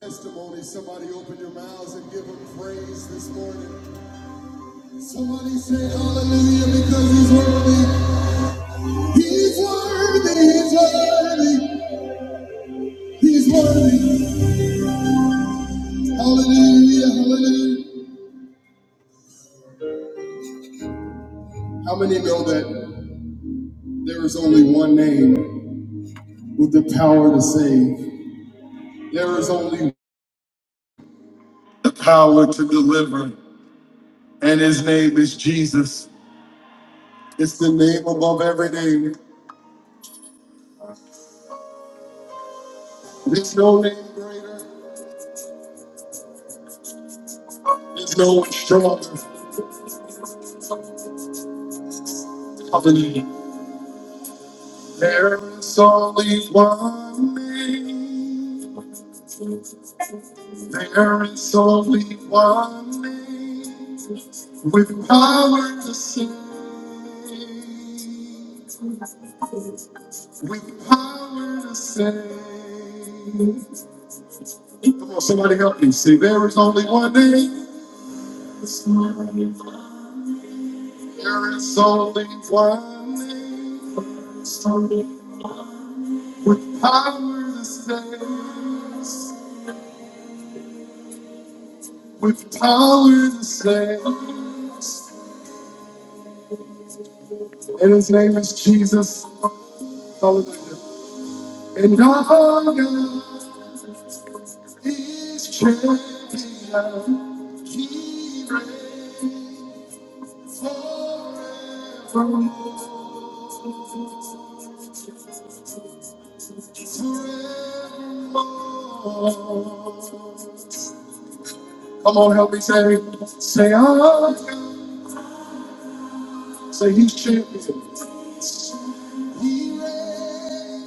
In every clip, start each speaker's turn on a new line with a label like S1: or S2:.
S1: Testimony, somebody open your mouths and give him praise this morning. Somebody say hallelujah because he's worthy. He's worthy, he's worthy, he's worthy. Hallelujah, hallelujah. How many know that there is only one name with the power to save? There is only the power to deliver, and his name is Jesus. It's the name above every name. There's no name greater, there's no one stronger. Hallelujah. There is only one name. There is only one name with power to save. With power to save. Come on, somebody help me. See, there is only one name. There is only one name with power to save. with power to save. And his name is Jesus. Hallelujah. And our God is champion. He reigns forevermore. Come on, help me say, say, our God. Say, he's champion. He reigns.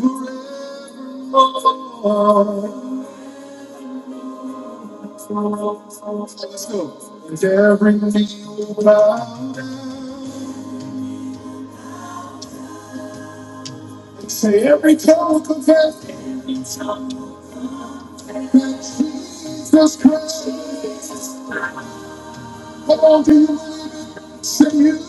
S1: Let's go. And every knee will bow down. And Say every tongue confess Jesus Christ. Say you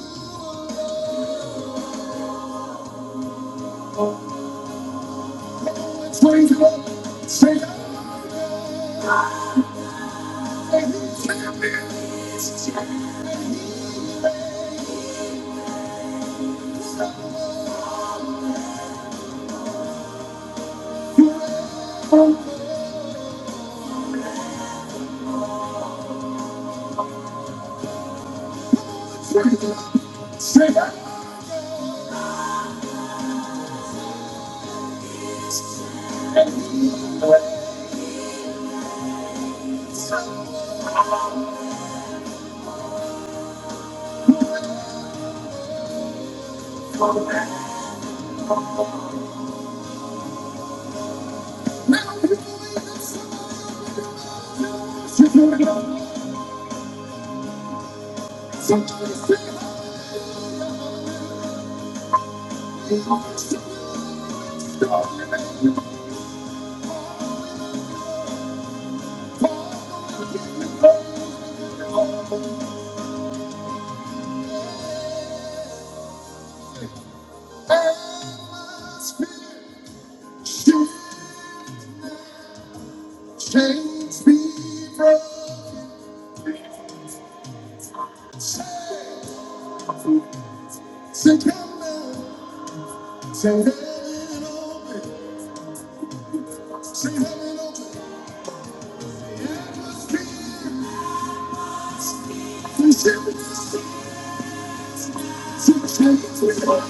S1: praise the Lord. and He's champion. Somebody say, "You change me from Say heaven open. Say heaven open. Say heaven open. And I can forever, till forever.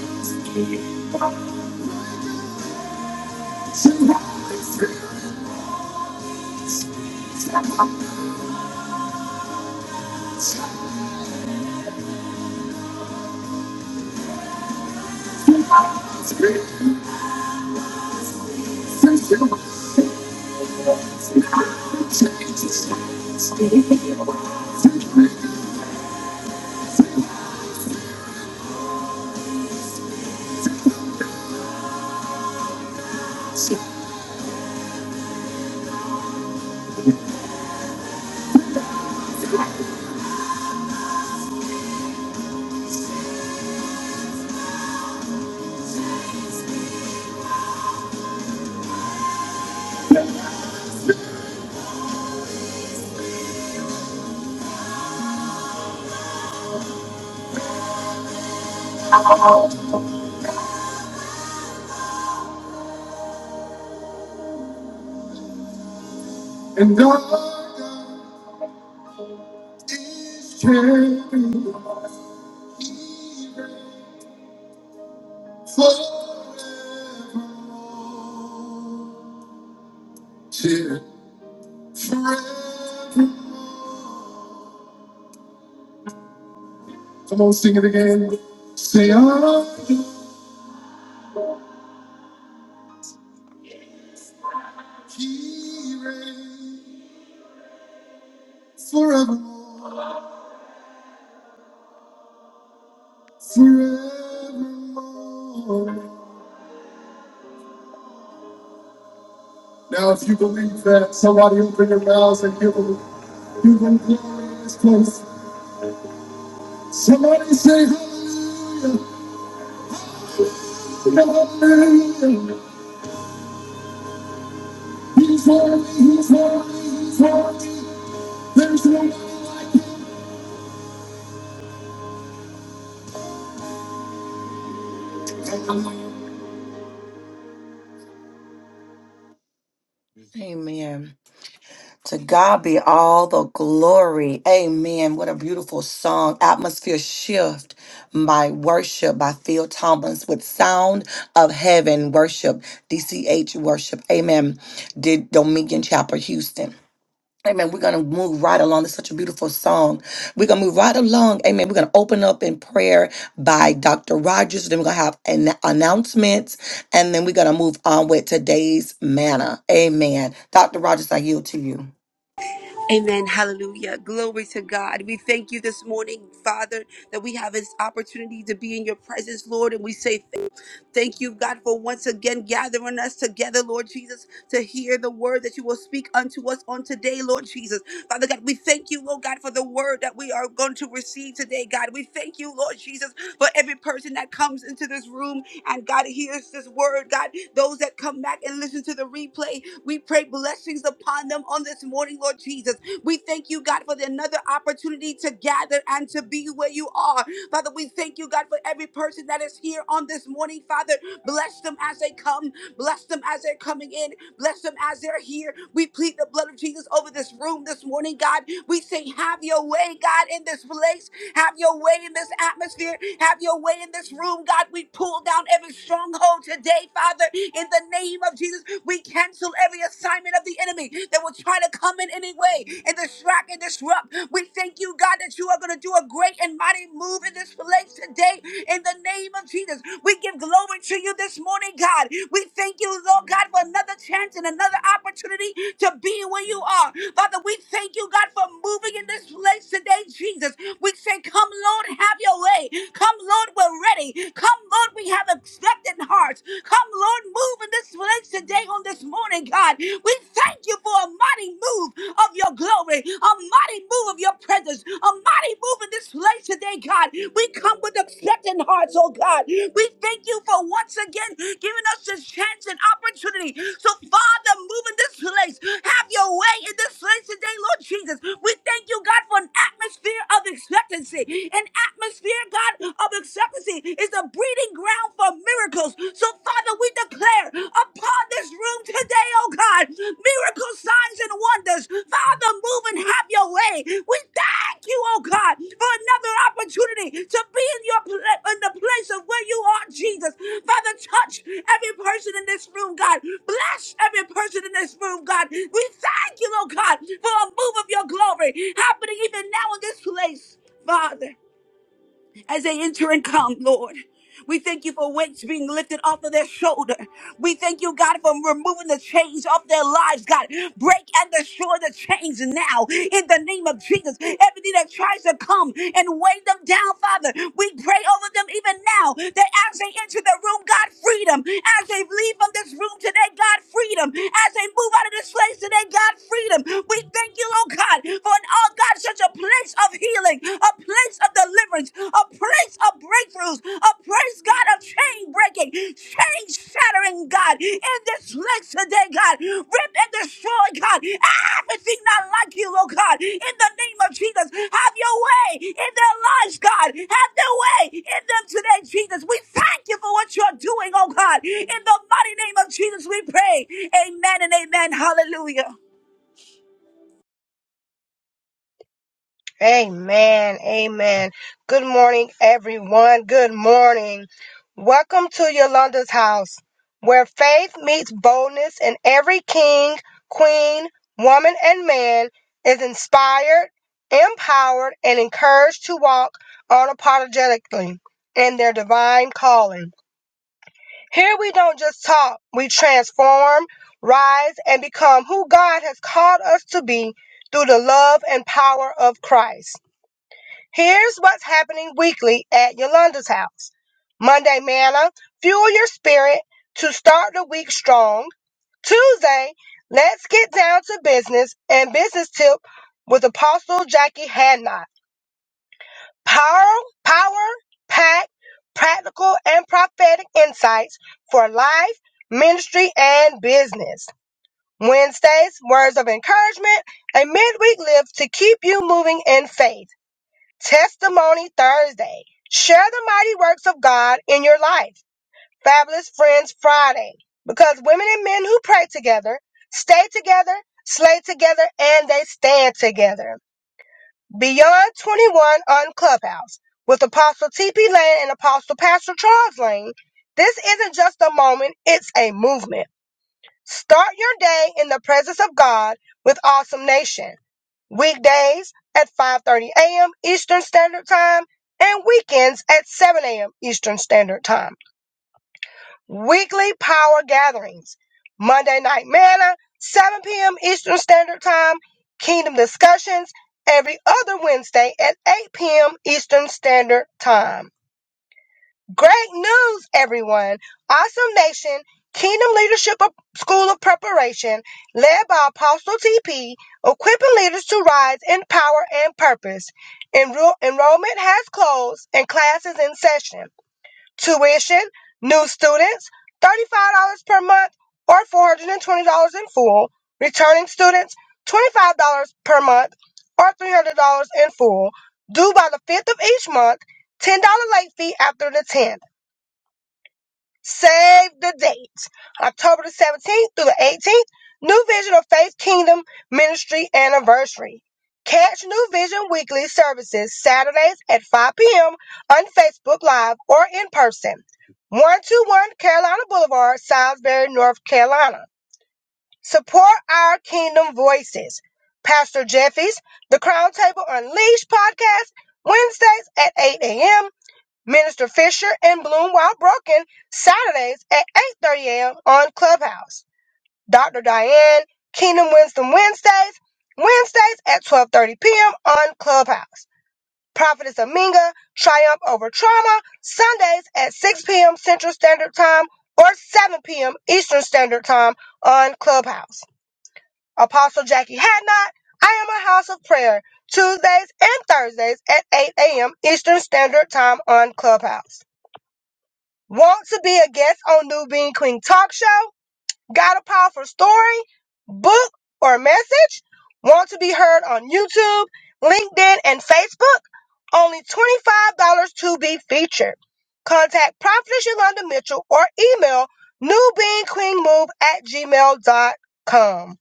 S1: Come on, sing it again. Say, I he here forevermore, forevermore. Now, if you believe that, somebody open your mouths and give them, give them glory in this place. Somebody say hallelujah, hallelujah. He's worthy, he's worthy, he's worthy. There's no one like him. Amen. To God be all the glory. Amen. What a beautiful song. Atmosphere shift by worship by Phil Thomas with sound of heaven worship. DCH worship. Amen. Did Dominion Chapel Houston. Amen. We're going to move right along. It's such a beautiful song. We're going to move right along. Amen. We're going to open up in prayer by Dr. Rogers. Then we're going to have an announcements. And then we're going to move on with today's manna. Amen. Dr. Rogers, I yield to you.
S2: Amen. Hallelujah. Glory to God. We thank you this morning, Father, that we have this opportunity to be in your presence, Lord. And we say Thank you, God, for once again gathering us together, Lord Jesus, to hear the word that you will speak unto us on today, Lord Jesus. Father God, we thank you, Lord God, for the word that we are going to receive today, God. We thank you, Lord Jesus, for every person that comes into this room and God hears this word, God. Those that come back and listen to the replay, we pray blessings upon them on this morning, Lord Jesus. We thank you, God, for the another opportunity to gather and to be where you are. Father, we thank you, God, for every person that is here on this morning. Father, bless them as they come. Bless them as they're coming in. Bless them as they're here. We plead the blood of Jesus over this room this morning, God. We say, Have your way, God, in this place. Have your way in this atmosphere. Have your way in this room, God. We pull down every stronghold today, Father, in the name of Jesus. We cancel every assignment of the enemy that will try to come in any way and distract and disrupt. We thank you, God, that you are going to do a great and mighty move in this place today in the name name of Jesus. We give glory to you this morning, God. We thank you, Lord God, for another chance and another opportunity to be where you are. Father, we thank you, God, for moving in this place today, Jesus. We say, Come, Lord, have your way. Come, Lord, we're ready. Come, Lord, we have expectant hearts. Come, Lord, move in this place today on this morning, God. We thank you for a mighty move of your glory a mighty move of your presence, a mighty move in this place today, God. We come with accepting hearts, oh God. We thank you for once again giving us this chance and opportunity. So, Father, move in this place. Have your way in this place today, Lord Jesus. We thank you, God, for an atmosphere of expectancy. An atmosphere, God, of expectancy is the breeding ground for miracles. So, Father, we declare declare upon this room today, oh God, miracle signs and wonders. Father, move and have your way. We thank you, oh God, for another opportunity to be in your pla- in the place of where you are, Jesus. Father, touch every person in this room, God. Bless every person in this room, God. We thank you, oh God, for a move of your glory happening even now in this place, Father as they enter and come, Lord. We thank you for weights being lifted off of their shoulder. We thank you, God, for removing the chains off their lives, God. Break and destroy the chains now in the name of Jesus. Everything that tries to come and weigh them down, Father, we pray over them even now that as they enter the room, God, freedom. As they leave from this room today, God, freedom. As they move out of this place today, God, freedom. We thank you, oh God, for an all God is a place of healing, a place of deliverance, a place of breakthroughs, a place, God, of chain breaking, chain shattering, God, in this place today, God. Rip and destroy, God, everything not like you, oh God, in the name of Jesus. Have your way in their lives, God. Have their way in them today, Jesus. We thank you for what you're doing, oh God. In the mighty name of Jesus, we pray. Amen and amen. Hallelujah.
S3: Amen. Amen. Good morning, everyone. Good morning. Welcome to Yolanda's house, where faith meets boldness, and every king, queen, woman, and man is inspired, empowered, and encouraged to walk unapologetically in their divine calling. Here we don't just talk, we transform, rise, and become who God has called us to be through the love and power of Christ. Here's what's happening weekly at Yolanda's house. Monday manna, fuel your spirit to start the week strong. Tuesday, let's get down to business and business tip with Apostle Jackie Hadnot. Power, power, pack, practical and prophetic insights for life, ministry, and business. Wednesdays, words of encouragement, a midweek lift to keep you moving in faith. Testimony Thursday. Share the mighty works of God in your life. Fabulous Friends Friday. Because women and men who pray together, stay together, slay together, and they stand together. Beyond 21 on Clubhouse with Apostle T.P. Lane and Apostle Pastor Charles Lane. This isn't just a moment, it's a movement. Start your day in the presence of God with Awesome Nation weekdays at 5:30 a.m. Eastern Standard Time and weekends at 7 a.m. Eastern Standard Time. Weekly power gatherings. Monday night manna, 7 p.m. Eastern Standard Time, kingdom discussions every other Wednesday at 8 p.m. Eastern Standard Time. Great news, everyone! Awesome Nation Kingdom Leadership School of Preparation, led by Apostle TP, equipping leaders to rise in power and purpose. Enroll- enrollment has closed and classes in session. Tuition, new students, $35 per month or $420 in full. Returning students, $25 per month or $300 in full, due by the 5th of each month, $10 late fee after the 10th. Save the date. October the 17th through the 18th, New Vision of Faith Kingdom Ministry Anniversary. Catch New Vision Weekly services Saturdays at 5 p.m. on Facebook Live or in person. 121 Carolina Boulevard, Salisbury, North Carolina. Support our Kingdom Voices. Pastor Jeffy's The Crown Table Unleashed podcast, Wednesdays at 8 a.m. Minister Fisher and Bloom While Broken Saturdays at 8:30 a.m. on Clubhouse. Dr. Diane Kingdom Wisdom Wednesdays Wednesdays at 12:30 p.m. on Clubhouse. Prophetess Aminga Triumph Over Trauma Sundays at 6 p.m. Central Standard Time or 7 p.m. Eastern Standard Time on Clubhouse. Apostle Jackie Hadnot I am a house of prayer Tuesdays and Thursdays at 8 a.m. Eastern Standard Time on Clubhouse. Want to be a guest on New Bean Queen Talk Show? Got a powerful story, book, or message? Want to be heard on YouTube, LinkedIn, and Facebook? Only $25 to be featured. Contact Prophetess Yolanda Mitchell or email newbeingqueenmove at gmail dot com.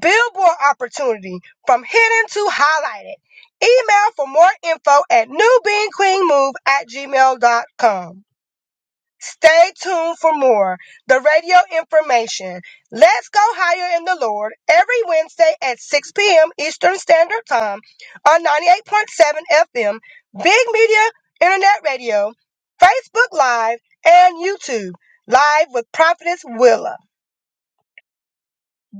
S3: Billboard opportunity from hidden to highlighted. Email for more info at newbeingqueenmove at gmail dot com. Stay tuned for more. The radio information. Let's go higher in the Lord every Wednesday at 6 p.m. Eastern Standard Time on 98.7 FM, Big Media Internet Radio, Facebook Live, and YouTube. Live with Prophetess Willa.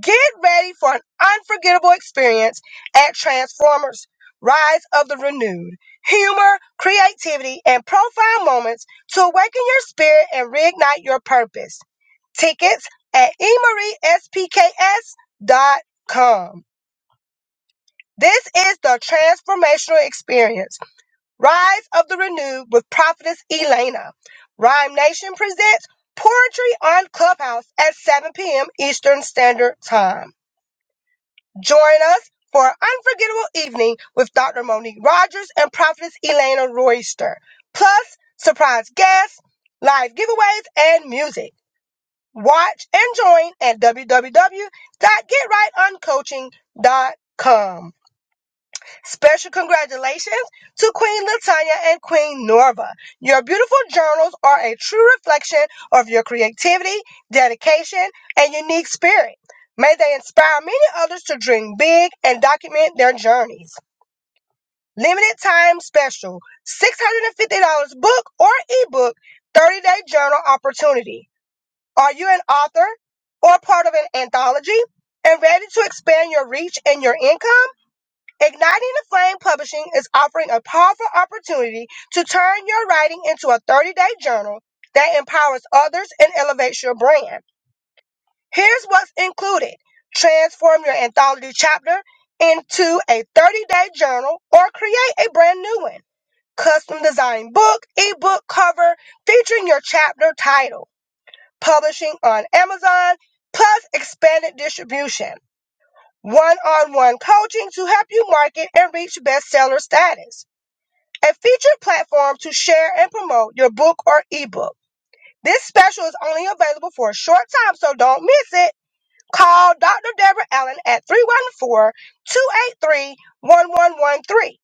S3: Get ready for an unforgettable experience at Transformers Rise of the Renewed. Humor, creativity, and profound moments to awaken your spirit and reignite your purpose tickets at spks. dot com. This is the transformational experience. Rise of the Renewed with Prophetess Elena. Rhyme Nation presents Poetry on Clubhouse at 7 p.m. Eastern Standard Time. Join us for an unforgettable evening with Dr. Monique Rogers and Prophetess Elena Royster. Plus, surprise guests, live giveaways, and music. Watch and join at www.getrightoncoaching.com. Special congratulations to Queen Latanya and Queen Norva. Your beautiful journals are a true reflection of your creativity, dedication, and unique spirit. May they inspire many others to dream big and document their journeys. Limited time special $650 book or ebook 30 day journal opportunity. Are you an author or part of an anthology and ready to expand your reach and your income? Igniting the Flame Publishing is offering a powerful opportunity to turn your writing into a 30 day journal that empowers others and elevates your brand. Here's what's included transform your anthology chapter into a 30 day journal or create a brand new one. Custom designed book, ebook cover featuring your chapter title publishing on Amazon, plus expanded distribution, one on one coaching to help you market and reach bestseller status, a featured platform to share and promote your book or ebook. This special is only available for a short time, so don't miss it. Call Dr. Deborah Allen at 314 283 1113,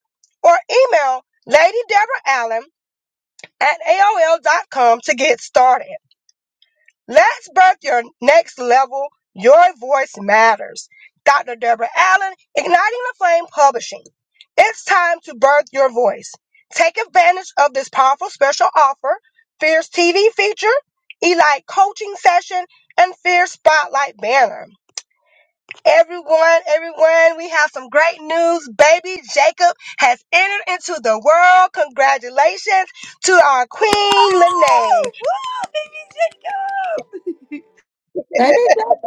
S3: or email Lady Deborah Allen at A O L dot com to get started. Let's birth your next level. Your voice matters. Dr. Deborah Allen, Igniting the Flame Publishing. It's time to birth your voice. Take advantage of this powerful special offer, Fierce TV feature, Elite coaching session, and Fierce Spotlight banner. Everyone, everyone, we have some great news. Baby Jacob has entered into the world. Congratulations to our Queen Lene.
S2: Oh, woo, baby Jacob.
S1: Baby, baby.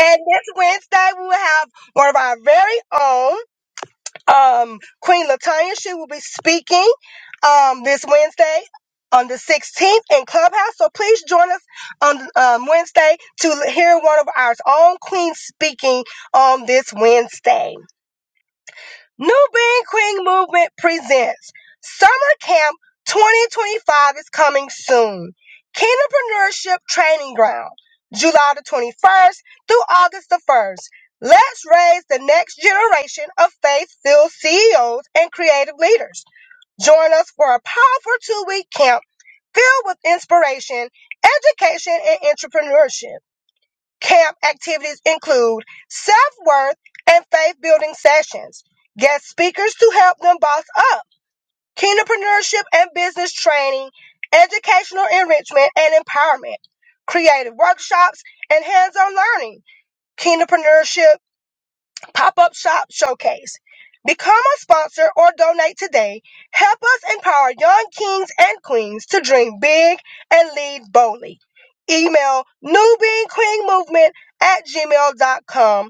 S3: And this Wednesday, we will have one of our very own, um, Queen Latanya. She will be speaking um, this Wednesday on the 16th in Clubhouse. So please join us on um, Wednesday to hear one of our own queens speaking on this Wednesday. New Being Queen Movement presents Summer Camp 2025 is coming soon. Kingdompreneurship Training Ground, July the 21st through August the 1st. Let's raise the next generation of faith-filled CEOs and creative leaders. Join us for a powerful two-week camp filled with inspiration, education, and entrepreneurship. Camp activities include self worth and faith building sessions, guest speakers to help them boss up, entrepreneurship and business training, educational enrichment and empowerment, creative workshops, and hands on learning, entrepreneurship pop up shop showcase. Become a sponsor or donate today. Help us empower young kings and queens to dream big and lead boldly. Email newbeingqueenmovement at gmail.com.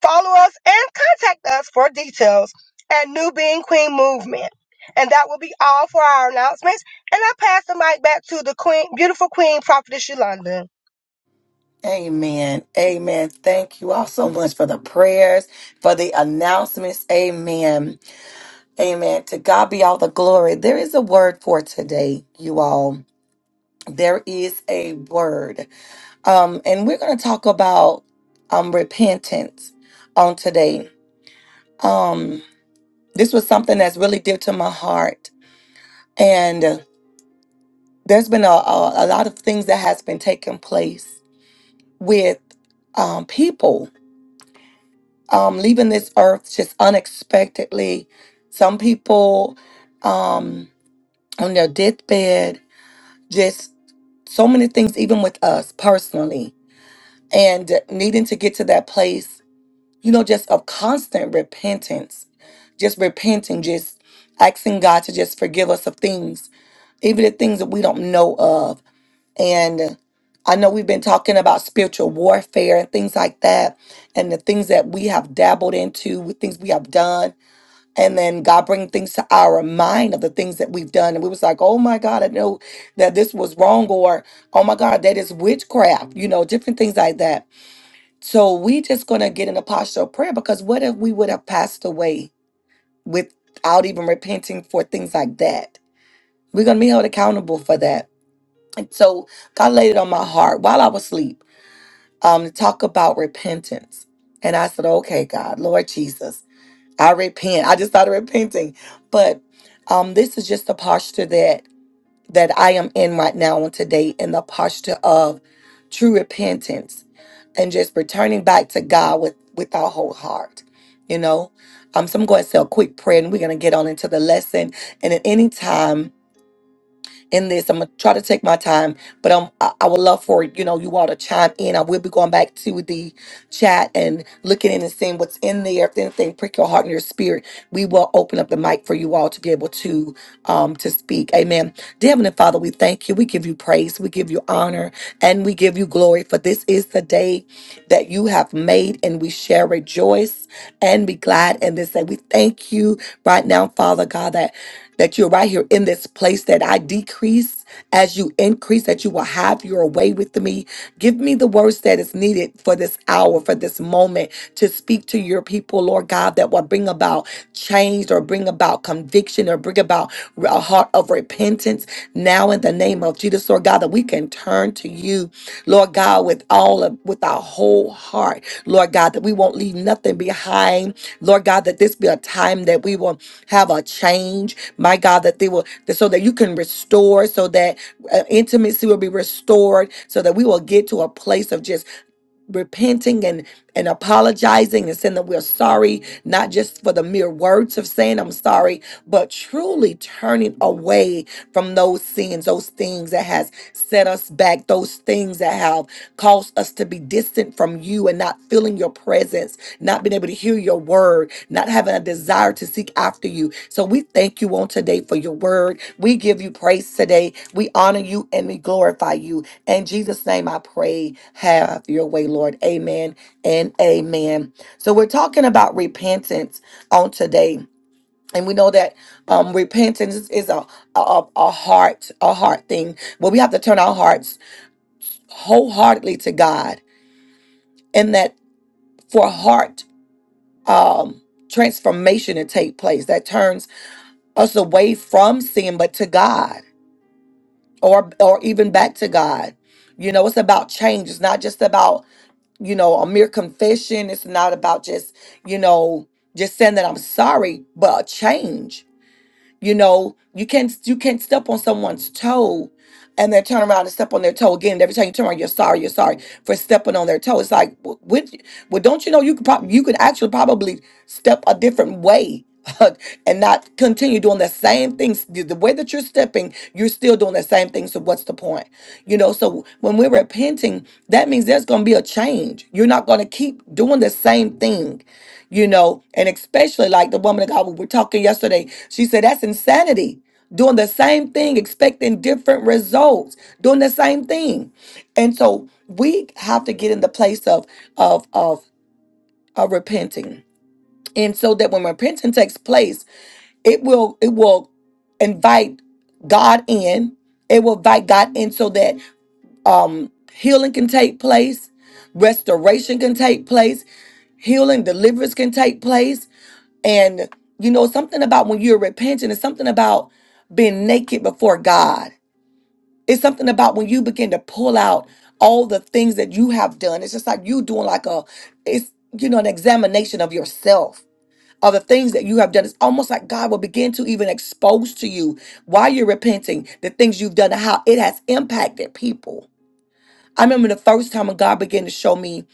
S3: Follow us and contact us for details at New Being Queen Movement. And that will be all for our announcements. And I pass the mic back to the queen, beautiful queen, Prophetess Yolanda.
S1: Amen. Amen. Thank you all so much for the prayers, for the announcements. Amen. Amen. To God be all the glory. There is a word for today, you all. There is a word. Um, and we're gonna talk about um repentance on today. Um, this was something that's really dear to my heart. And there's been a, a, a lot of things that has been taking place with um people um, leaving this earth just unexpectedly. Some people um, on their deathbed, just so many things, even with us personally, and needing to get to that place, you know, just of constant repentance, just repenting, just asking God to just forgive us of things, even the things that we don't know of. And I know we've been talking about spiritual warfare and things like that, and the things that we have dabbled into, with things we have done and then God bring things to our mind of the things that we've done, and we was like, "Oh my God, I know that this was wrong," or "Oh my God, that is witchcraft," you know, different things like that. So we just gonna get in a posture of prayer because what if we would have passed away without even repenting for things like that? We're gonna be held accountable for that. And so God laid it on my heart while I was asleep um, to talk about repentance, and I said, "Okay, God, Lord Jesus." I repent. I just started repenting. But um, this is just the posture that that I am in right now on today, in the posture of true repentance and just returning back to God with with our whole heart. You know, um, so I'm going to say a quick prayer, and we're going to get on into the lesson. And at any time in this. I'm gonna try to take my time, but um, I, I would love for you know you all to chime in. I will be going back to the chat and looking in and seeing what's in there. If anything prick your heart and your spirit, we will open up the mic for you all to be able to um to speak. Amen. Dear Heavenly Father, we thank you. We give you praise. We give you honor, and we give you glory. For this is the day that you have made, and we shall rejoice and be glad in this day. We thank you right now, Father God, that that you're right here in this place that I decrease as you increase, that you will have your way with me. Give me the words that is needed for this hour, for this moment to speak to your people, Lord God, that will bring about change or bring about conviction or bring about a heart of repentance now in the name of Jesus, Lord God, that we can turn to you, Lord God, with all of with our whole heart, Lord God, that we won't leave nothing behind. Lord God, that this be a time that we will have a change, my God, that they will, that- so that you can restore, so that uh, intimacy will be restored, so that we will get to a place of just repenting and apologizing and saying that we're sorry, not just for the mere words of saying I'm sorry, but truly turning away from those sins, those things that has set us back, those things that have caused us to be distant from you and not feeling your presence, not being able to hear your word, not having a desire to seek after you. So we thank you on today for your word. We give you praise today. We honor you and we glorify you. In Jesus' name I pray, have your way, Lord. Amen and amen. So we're talking about repentance on today. And we know that um, repentance is is a, a a heart a heart thing, but we have to turn our hearts wholeheartedly to God, and that for heart um, transformation to take place, that turns us away from sin, but to God, or or even back to God. You know, it's about change. It's not just about you know, a mere confession. It's not about just, you know, just saying that I'm sorry, but a change you know, you can't you can't step on someone's toe and then turn around and step on their toe again. And every time you turn around, you're sorry, you're sorry for stepping on their toe. It's like, wh- which, well, don't you know you could probably you could actually probably step a different way and not continue doing the same things. The the way that you're stepping, you're still doing the same thing. So what's the point? You know, so when we're repenting, that means there's going to be a change. You're not going to keep doing the same thing you know, and especially like the woman of God we were talking yesterday, she said that's insanity. Doing the same thing, expecting different results, doing the same thing. And so we have to get in the place of of of, of repenting. And so that when repentance takes place, it will it will invite God in. It will invite God in so that um healing can take place, restoration can take place, healing, deliverance can take place and you know, something about when you're repenting, it's something about being naked before God. It's something about when you begin to pull out all the things that you have done. It's just like you doing like a it's you know, an examination of yourself. Of the things that you have done, it's almost like God will begin to even expose to you while you're repenting the things you've done and how it has impacted people. I remember the first time when God began to show me,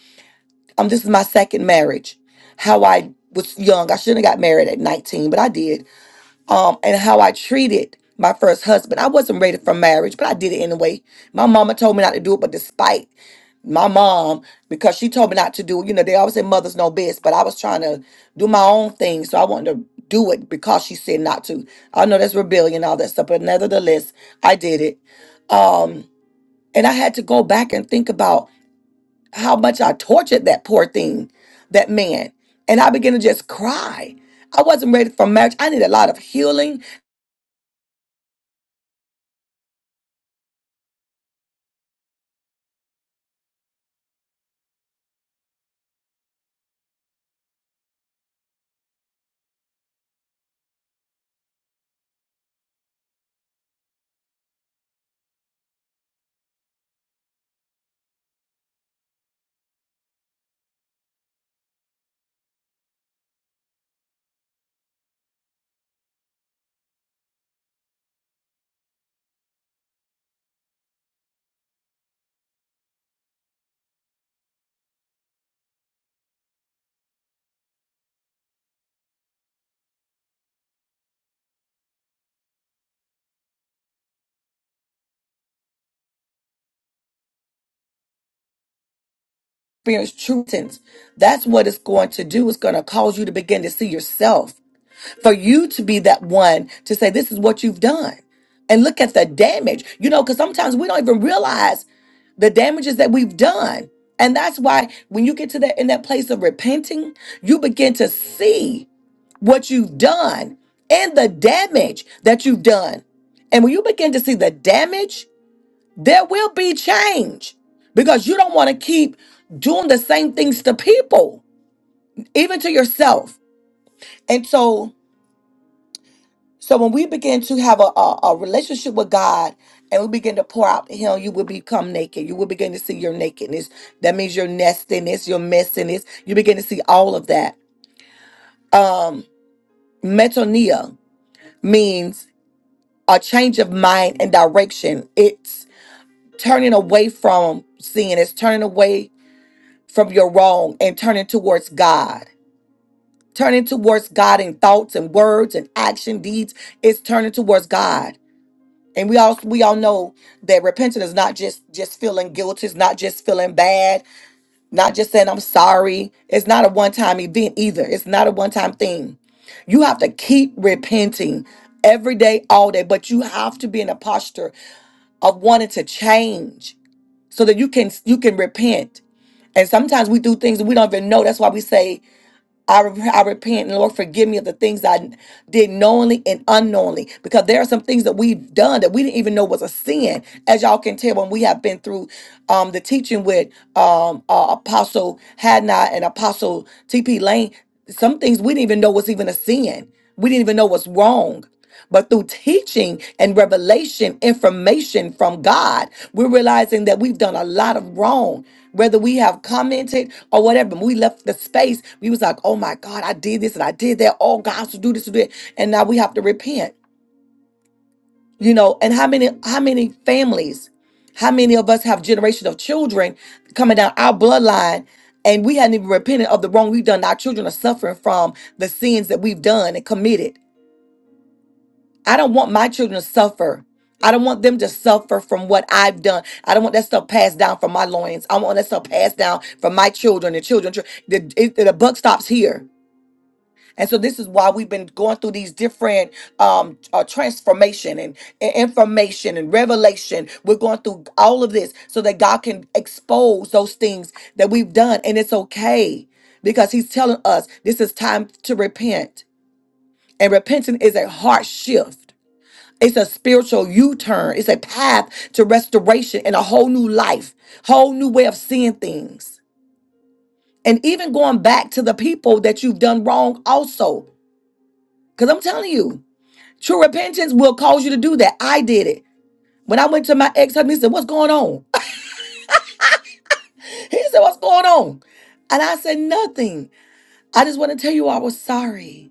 S1: um, this is my second marriage, how I was young. I shouldn't have got married at 19, but I did um, and how I treated my first husband. I wasn't ready for marriage, but I did it anyway. My mama told me not to do it, but despite my mom, because she told me not to do it, you know, they always say mothers know best, but I was trying to do my own thing. So I wanted to do it because she said not to. I know that's rebellion, all that stuff, but nevertheless, I did it. Um, and I had to go back and think about how much I tortured that poor thing, that man. And I began to just cry. I wasn't ready for marriage. I needed a lot of healing. experience true sense, that's what it's going to do. It's going to cause you to begin to see yourself, for you to be that one to say, This is what you've done. And look at the damage, you know, because sometimes we don't even realize the damages that we've done. And that's why when you get to that in that place of repenting, you begin to see what you've done and the damage that you've done. And when you begin to see the damage, there will be change because you don't want to keep doing the same things to people, even to yourself. And so, so when we begin to have a, a, a relationship with God and we begin to pour out Him, you will become naked. You will begin to see your nakedness. That means your nastiness, your messiness. You begin to see all of that. Um, metonia means a change of mind and direction. It's turning away from sin. It's turning away from your wrong and turning towards God. Turning towards God in thoughts and words and action deeds is turning towards God. And we all we all know that repentance is not just just feeling guilty, it's not just feeling bad, not just saying I'm sorry. It's not a one-time event either. It's not a one-time thing. You have to keep repenting every day, all day, but you have to be in a posture of wanting to change so that you can you can repent. And sometimes we do things that we don't even know. That's why we say I, re- I repent and Lord, forgive me of the things I did knowingly and unknowingly because there are some things that we've done that we didn't even know was a sin. As y'all can tell, when we have been through um, the teaching with um, uh, Apostle Hadnot and Apostle TP Lane, some things we didn't even know was even a sin. We didn't even know was wrong. But through teaching and revelation, information from God, we're realizing that we've done a lot of wrong. Whether we have commented or whatever, when we left the space. We was like, "Oh my God, I did this and I did that. Oh, God, to do this and do that," and now we have to repent. You know, and how many how many families, how many of us have generations of children coming down our bloodline, and we hadn't even repented of the wrong we've done. Our children are suffering from the sins that we've done and committed I don't want my children to suffer. I don't want them to suffer from what I've done. I don't want that stuff passed down from my loins. I want that stuff passed down from my children and children. The, it- the buck stops here. And so this is why we've been going through these different um, uh, transformation and, and information and revelation. We're going through all of this so that God can expose those things that we've done. And it's okay because he's telling us this is time to repent. And repenting is a heart shift it's a spiritual U turn. It's a path to restoration and a whole new life, whole new way of seeing things. And even going back to the people that you've done wrong, also. Because I'm telling you, true repentance will cause you to do that. I did it. When I went to my ex husband, he said, What's going on? He said, What's going on? And I said, Nothing. I just want to tell you I was sorry.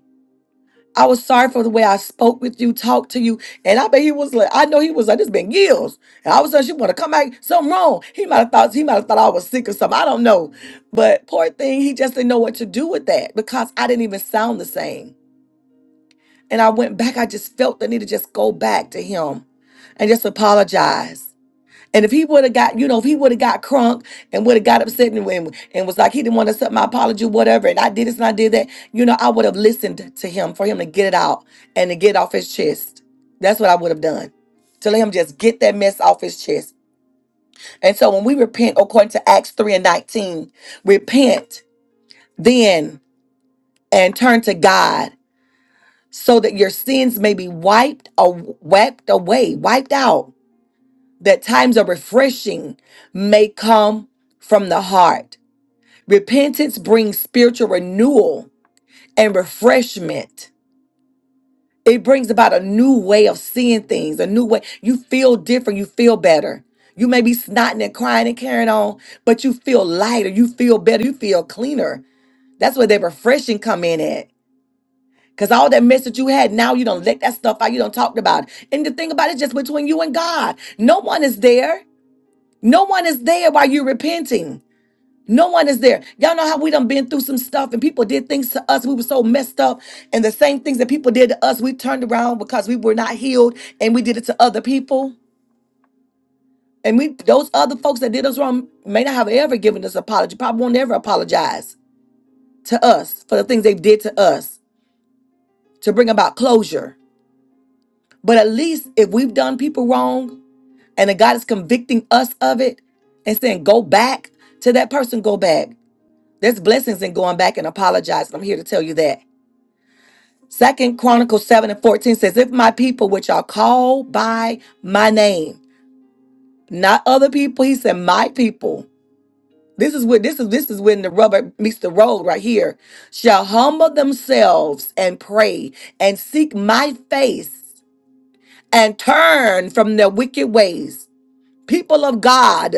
S1: I was sorry for the way I spoke with you, talked to you, and I bet he was like, I know he was like, this been years, and all of a sudden she want to come back, something wrong. He might have thought he might have thought I was sick or something. I don't know, but poor thing, he just didn't know what to do with that because I didn't even sound the same. And I went back. I just felt the need to just go back to him and just apologize and if he would have got, you know, if he would have got crunk and would have got upset and, and, and was like, he didn't want to accept my apology, whatever, and I did this and I did that, you know, I would have listened to him for him to get it out and to get off his chest. That's what I would have done. To let him just get that mess off his chest. And so when we repent, according to Acts 3 and 19, repent then and turn to God so that your sins may be wiped or wiped away, wiped out that times of refreshing may come from the heart. Repentance brings spiritual renewal and refreshment. It brings about a new way of seeing things, a new way. You feel different, you feel better. You may be snotting and crying and carrying on, but you feel lighter, you feel better, you feel cleaner. That's where that refreshing come in at. Cause all that mess that you had, now you don't let that stuff out. You don't talk about it. And the thing about it, it's just between you and God. No one is there. No one is there while you're repenting. No one is there. Y'all know how we done been through some stuff and people did things to us. We were so messed up. And the same things that people did to us, we turned around because we were not healed and we did it to other people. And we those other folks that did us wrong may not have ever given us apology, probably won't ever apologize to us for the things they did to us to bring about closure. But at least if we've done people wrong and that God is convicting us of it and saying, go back to that person, go back. There's blessings in going back and apologizing. I'm here to tell you that. Second Chronicles 7 and 14 says, If my people, which are called by my name, not other people, he said, My people. This is what this is this is when the rubber meets the road right here. Shall humble themselves and pray and seek my face and turn from their wicked ways. People of God,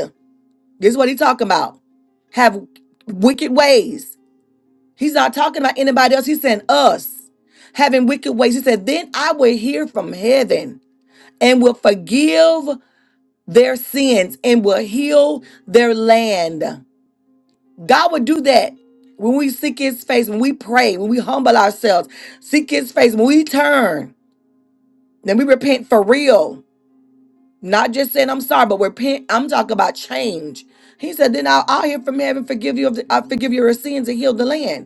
S1: this is what he's talking about. Have wicked ways He's not talking about anybody else. He's saying us having wicked ways. He said, Then I will hear from heaven and will forgive their sins and will heal their land. God would do that when we seek his face, when we pray, when we humble ourselves, seek his face, when we turn, then we repent for real. Not just saying I'm sorry, but repent. I'm talking about change. He said, Then I'll, I'll hear from heaven, forgive you of the, i forgive your sins and heal the land.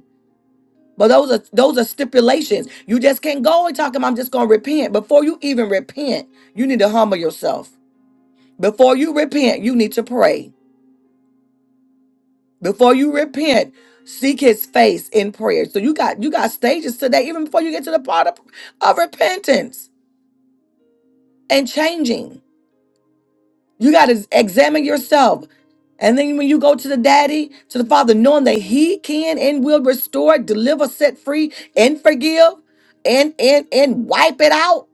S1: But those are those are stipulations. You just can't go and talk about I'm just gonna repent. Before you even repent, you need to humble yourself. Before you repent, you need to pray. Before you repent, seek his face in prayer. So you got you got stages today, even before you get to the part of, of repentance and changing. You gotta examine yourself. And then when you go to the daddy, to the father, knowing that he can and will restore, deliver, set free, and forgive, and and and wipe it out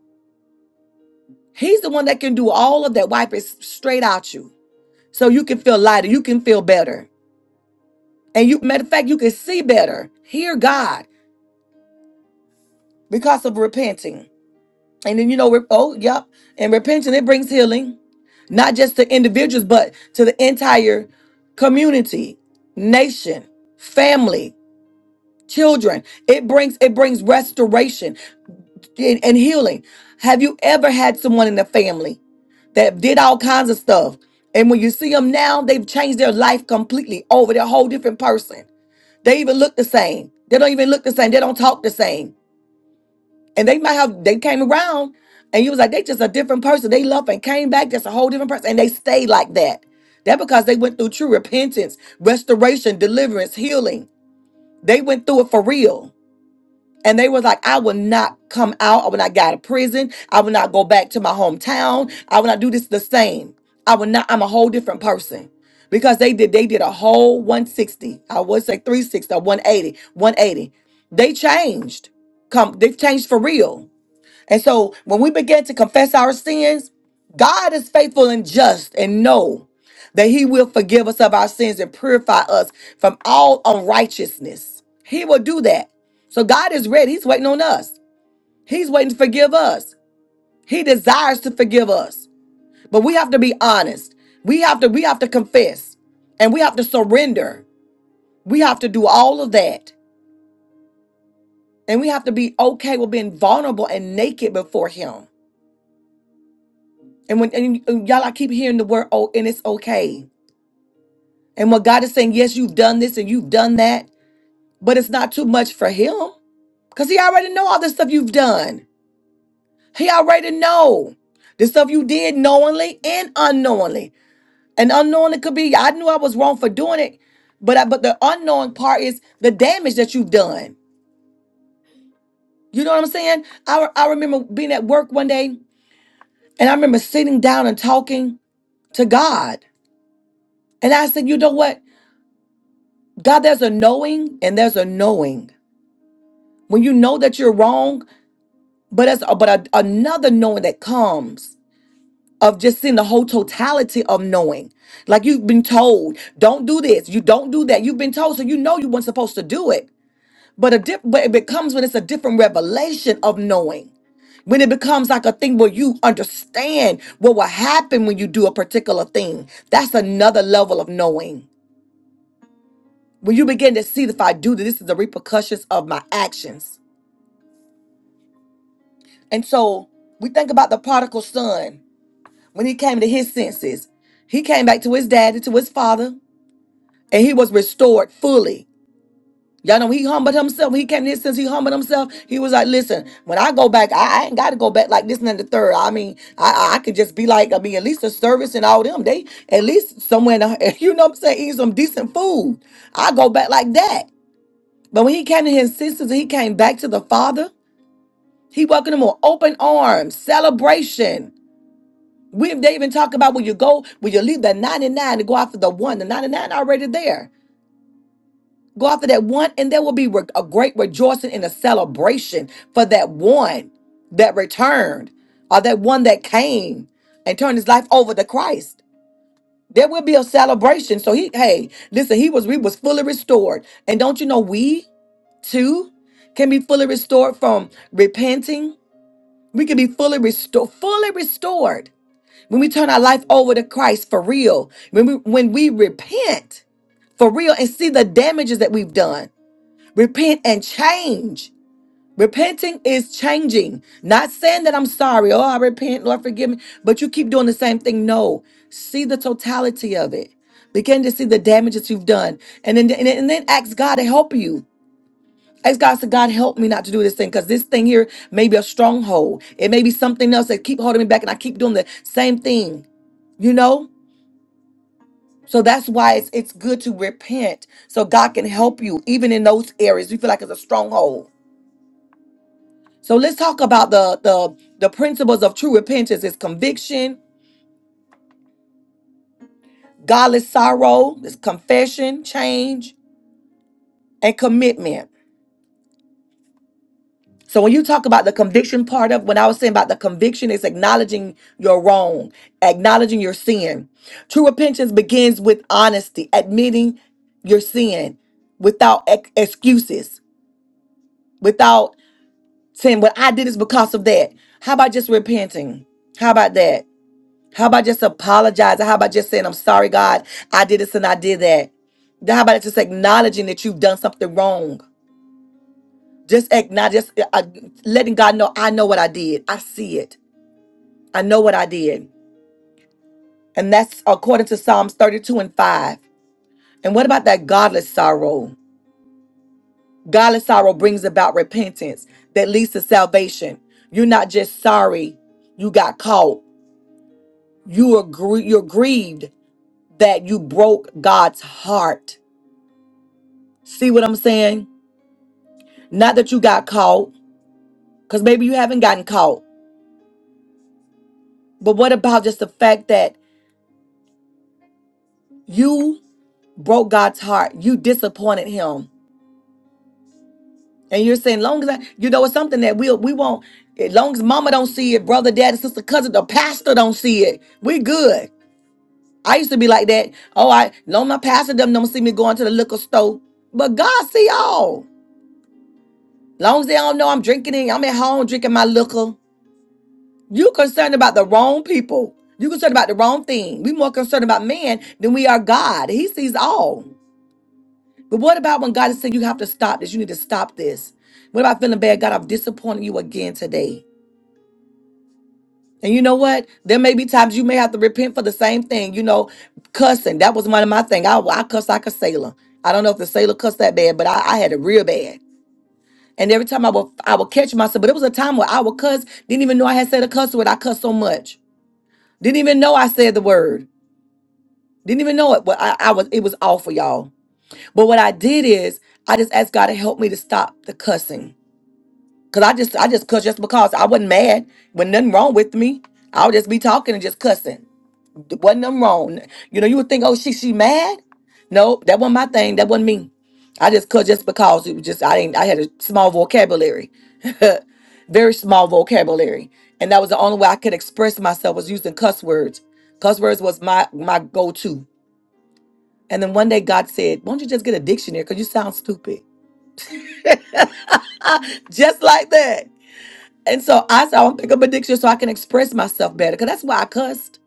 S1: He's the one that can do all of that. Wipe it straight out you. So you can feel lighter. You can feel better. And you matter of fact, you can see better, hear God because of repenting. And then you know, re- oh, yep. And repenting, it brings healing, not just to individuals, but to the entire community, nation, family, children. It brings it brings restoration. and and healing. Have you ever had someone in the family that did all kinds of stuff? And when you see them now, they've changed their life completely over. They're a whole different person. They even look the same. They don't even look the same. They don't talk the same. And they might have, they came around and you was like, they just a different person. They left and came back, just a whole different person. And they stayed like that. That because they went through true repentance, restoration, deliverance, healing. They went through it for real. And they was like, I will not come out. I will not get out of prison. I will not go back to my hometown. I will not do this the same. I will not, I'm a whole different person. Because they did, they did a whole 160. I would say 360 or 180. 180. They changed. Come, they've changed for real. And so when we begin to confess our sins, God is faithful and just and know that He will forgive us of our sins and purify us from all unrighteousness. He will do that. So God is ready. He's waiting on us. He's waiting to forgive us. He desires to forgive us. But we have to be honest. We have to we have to confess and we have to surrender. We have to do all of that. And we have to be okay with being vulnerable and naked before him. And when and and y'all, I keep hearing the word "oh," and it's okay. And what God is saying, yes, you've done this and you've done that, but it's not too much for Him because He already know all the stuff you've done. He already know the stuff you did knowingly and unknowingly. And unknowingly could be I knew I was wrong for doing it, but I, but the unknowing part is the damage that you've done. You know what I'm saying? I I remember being at work one day, and I remember sitting down and talking to God, and I said, you know what? God, there's a knowing and there's a knowing. When you know that you're wrong, but as but a, another knowing that comes of just seeing the whole totality of knowing. Like you've been told, don't do this, you don't do that. You've been told, so you know you weren't supposed to do it. But a diff- but it becomes when it's a different revelation of knowing. When it becomes like a thing where you understand what will happen when you do a particular thing. That's another level of knowing. When you begin to see if I do this, this is the repercussions of my actions And so we think about the prodigal son when he came to his senses. He came back to his daddy, to his father, and he was restored fully. Y'all know he humbled himself. When he came to his senses, he humbled himself. He was like, listen, when I go back, I, I ain't gotta go back like this and then the third. I mean, I I I could just be like, I mean, at least the service and all them. They at least somewhere in the, you know what I'm saying, eating some decent food. I go back like that. But when he came to his senses and he came back to the father, he welcomed him with open arms, celebration. We they even talk about when you go, when you leave the 99 to go after the one, the 99 already there. Go after that one, and there will be re- a great rejoicing and a celebration for that one that returned or that one that came and turned his life over to Christ. There will be a celebration. So he, hey, listen, he was we was fully restored. And don't you know we too can be fully restored from repenting? We can be fully restored, fully restored when we turn our life over to Christ for real, when we when we repent for real and see the damages that we've done, repent and change. Repenting is changing. Not saying that I'm sorry, oh I repent, Lord forgive me, but you keep doing the same thing. No, see the totality of it. Begin to see the damages you've done, and then and then and then ask God to help you. Ask God, say, God, help me not to do this thing, because this thing here may be a stronghold. It may be something else that keep holding me back, and I keep doing the same thing. You know? So that's why it's it's good to repent so God can help you even in those areas you feel like it's a stronghold. So let's talk about the the the principles of true repentance is conviction, godless sorrow, is confession, change, and commitment. So when you talk about the conviction part of what I was saying about the conviction is acknowledging your wrong, acknowledging your sin. True repentance begins with honesty, admitting your sin without ex- excuses, without saying what I did is because of that. How about just repenting? How about that? How about just apologizing? How about just saying, I'm sorry, God, I did this and I did that? Then How about just acknowledging that you've done something wrong? Just acknowledge, just uh, uh, letting God know, I know what I did. I see it. I know what I did. And that's according to Psalms 32 and 5. And what about that godless sorrow? Godless sorrow brings about repentance that leads to salvation. You're not just sorry you got caught, you agree you're grieved that you broke God's heart. See what I'm saying? Not that you got caught, because maybe you haven't gotten caught. But what about just the fact that you broke God's heart? You disappointed him. And you're saying, long as I, you know, it's something that we'll, we won't, as long as mama don't see it, brother, daddy, sister, cousin, the pastor don't see it, we good. I used to be like that. Oh, I, long my pastor them don't see me going to the liquor store. But God see all. Long as they don't know I'm drinking it, I'm at home drinking my liquor. You concerned about the wrong people. You concerned about the wrong thing. We more concerned about man than we are God. He sees all. But what about when God is saying you have to stop this? You need to stop this. What about feeling bad? God, i have disappointed you again today. And you know what? There may be times you may have to repent for the same thing. You know, cussing. That was one of my things. I, I cuss like a sailor. I don't know if the sailor cussed that bad, but I, I had it real bad. And every time I would I would catch myself, but it was a time where I would cuss, didn't even know I had said a cuss word. I cussed so much. Didn't even know I said the word. Didn't even know it. But I, I was it was awful, y'all. But what I did is I just asked God to help me to stop the cussing. Cause I just I just cussed just because I wasn't mad. When nothing wrong with me. I would just be talking and just cussing. It wasn't them wrong. You know, you would think, oh, she she mad. No, that wasn't my thing. That wasn't me. I just cut just because it was just I didn't I had a small vocabulary, very small vocabulary, and that was the only way I could express myself was using cuss words. Cuss words was my my go to. And then one day God said, "Why don't you just get a dictionary? Cause you sound stupid." just like that. And so I said, I'm gonna pick up a dictionary so I can express myself better. Cause that's why I cussed.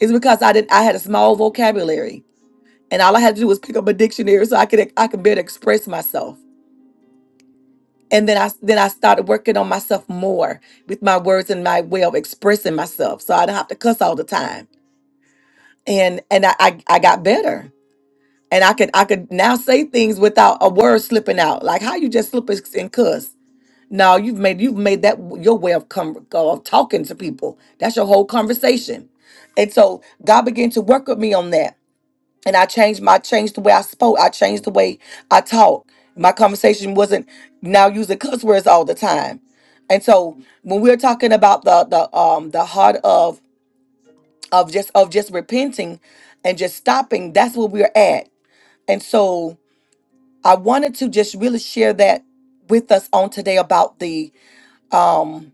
S1: It's because I did I had a small vocabulary. and all I had to do was pick up a dictionary so I could I could better express myself. And then I then I started working on myself more with my words and my way of expressing myself, so I don't have to cuss all the time. And and I I, I got better, and I could I could now say things without a word slipping out. Like how you just slip and cuss. No, you've made you've made that your way of com- of talking to people. That's your whole conversation. And so God began to work with me on that and I changed my I changed the way I spoke. I changed the way I talk. My conversation wasn't now using cuss words all the time. And so when we're talking about the the um the heart of of just of just repenting and just stopping, that's where we're at. And so I wanted to just really share that with us on today about the um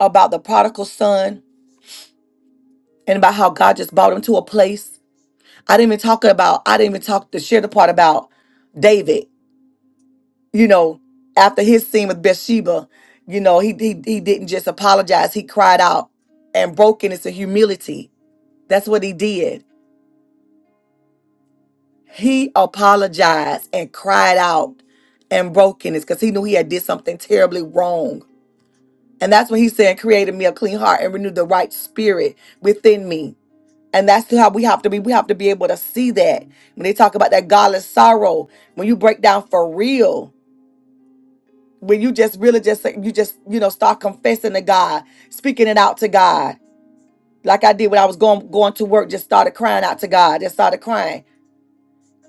S1: about the prodigal son and about how God just brought him to a place. I didn't even talk about I didn't even talk to share the part about David you know, after his scene with Bathsheba, you know, he he, he didn't just apologize. He cried out and brokenness and humility. That's what he did. He apologized and cried out and brokenness because he knew he had did something terribly wrong. And that's what he's saying, created me a clean heart and renewed the right spirit within me. And that's how we have to be. We have to be able to see that. When they talk about that godless sorrow, when you break down for real, when you just really just say- you just you know start confessing to God, speaking it out to God, like I did when I was going going to work, just started crying out to God, just started crying.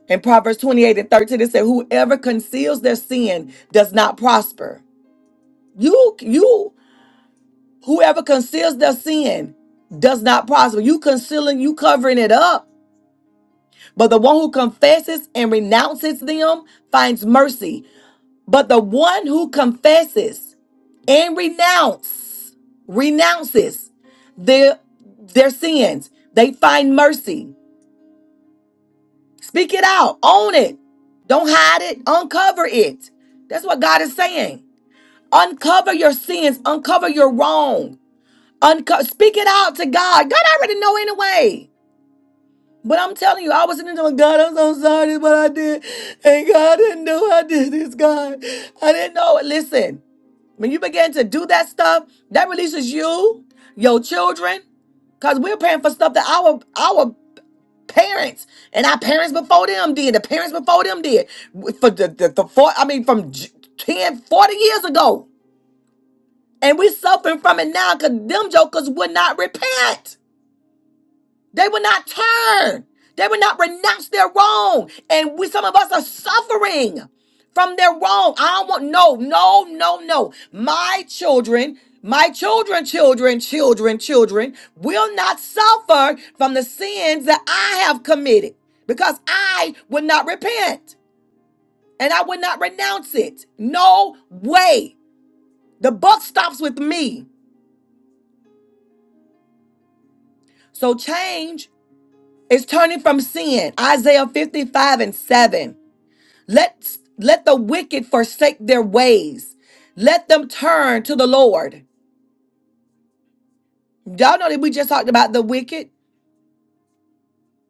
S1: In Proverbs twenty eight and thirteen, it said, "Whoever conceals their sin does not prosper." You you whoever conceals their sin does not prosper. You concealing, you covering it up. But the one who confesses and renounces them finds mercy. But the one who confesses and renounce renounces their their sins they find mercy speak it out own it don't hide it uncover it that's what god is saying uncover your sins uncover your wrong Uncover. speak it out to god god already know anyway but i'm telling you i was sitting there going god i'm so sorry what i did and god I didn't know i did this god i didn't know it. listen When you begin to do that stuff, that releases you, your children, because we're paying for stuff that our our parents and our parents before them did, the parents before them did, for the, the, the four, I mean, from j- 10, forty years ago. And we suffering from it now because them jokers would not repent. They will not turn. They will not renounce their wrong. And we some of us are suffering from their wrong. I don't want no, no, no, no. My children, my children, children, children, children will not suffer from the sins that I have committed because I will not repent and I will not renounce it. No way. The buck stops with me. So change is turning from sin. Isaiah 55 and 7. Let let the wicked forsake their ways. Let them turn to the Lord. Y'all know that we just talked about the wicked.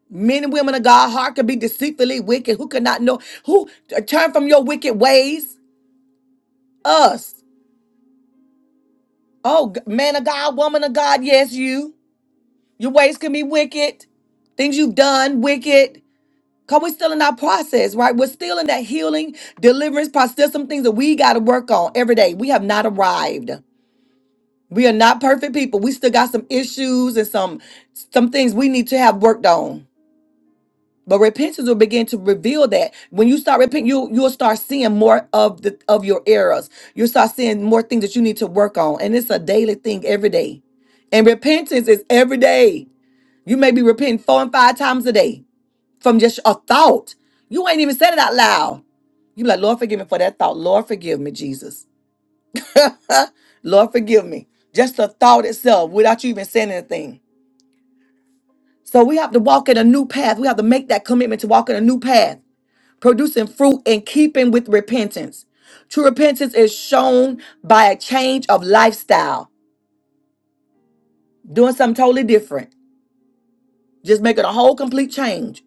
S1: Men and women of God heart could be deceitfully wicked. Who could not know? Who uh, turn from your wicked ways? Us. Oh, g- man of God, woman of God, yes, you. Your ways can be wicked. Things you've done, wicked. Cause we're still in our process, right? We're still in that healing, deliverance process. Some things that we got to work on every day. We have not arrived. We are not perfect people. We still got some issues and some some things we need to have worked on. But repentance will begin to reveal that. When you start repenting, you you'll start seeing more of the of your errors. You'll start seeing more things that you need to work on. And it's a daily thing every day. And repentance is every day. You may be repenting four and five times a day from just a thought. You ain't even said it out loud. You be like, Lord, forgive me for that thought. Lord, forgive me, Jesus. Lord, forgive me. Just the thought itself without you even saying anything. So we have to walk in a new path. We have to make that commitment to walk in a new path, producing fruit in keeping with repentance. True repentance is shown by a change of lifestyle, doing something totally different, just making a whole complete change.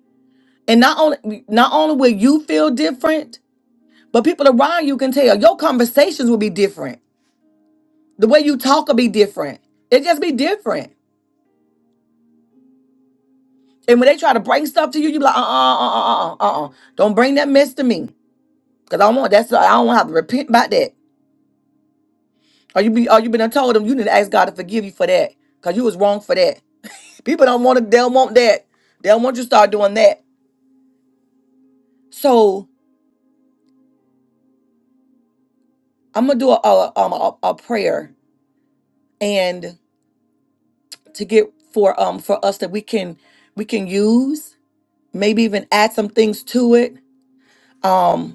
S1: And not only not only will you feel different, but people around you can tell your conversations will be different. The way you talk will be different. It just be different. And when they try to bring stuff to you, you be like, uh uh uh uh uh uh. uh. Don't bring that mess to me. Cause I don't want that's I don't want to have to repent about that. Or you be or you been done told them you need to ask God to forgive you for that. Cause you was wrong for that. People don't want to they don't want that. They don't want you to start doing that. So I'm gonna do a a, um, a a prayer and to get for um for us that we can we can use, maybe even add some things to it. Um,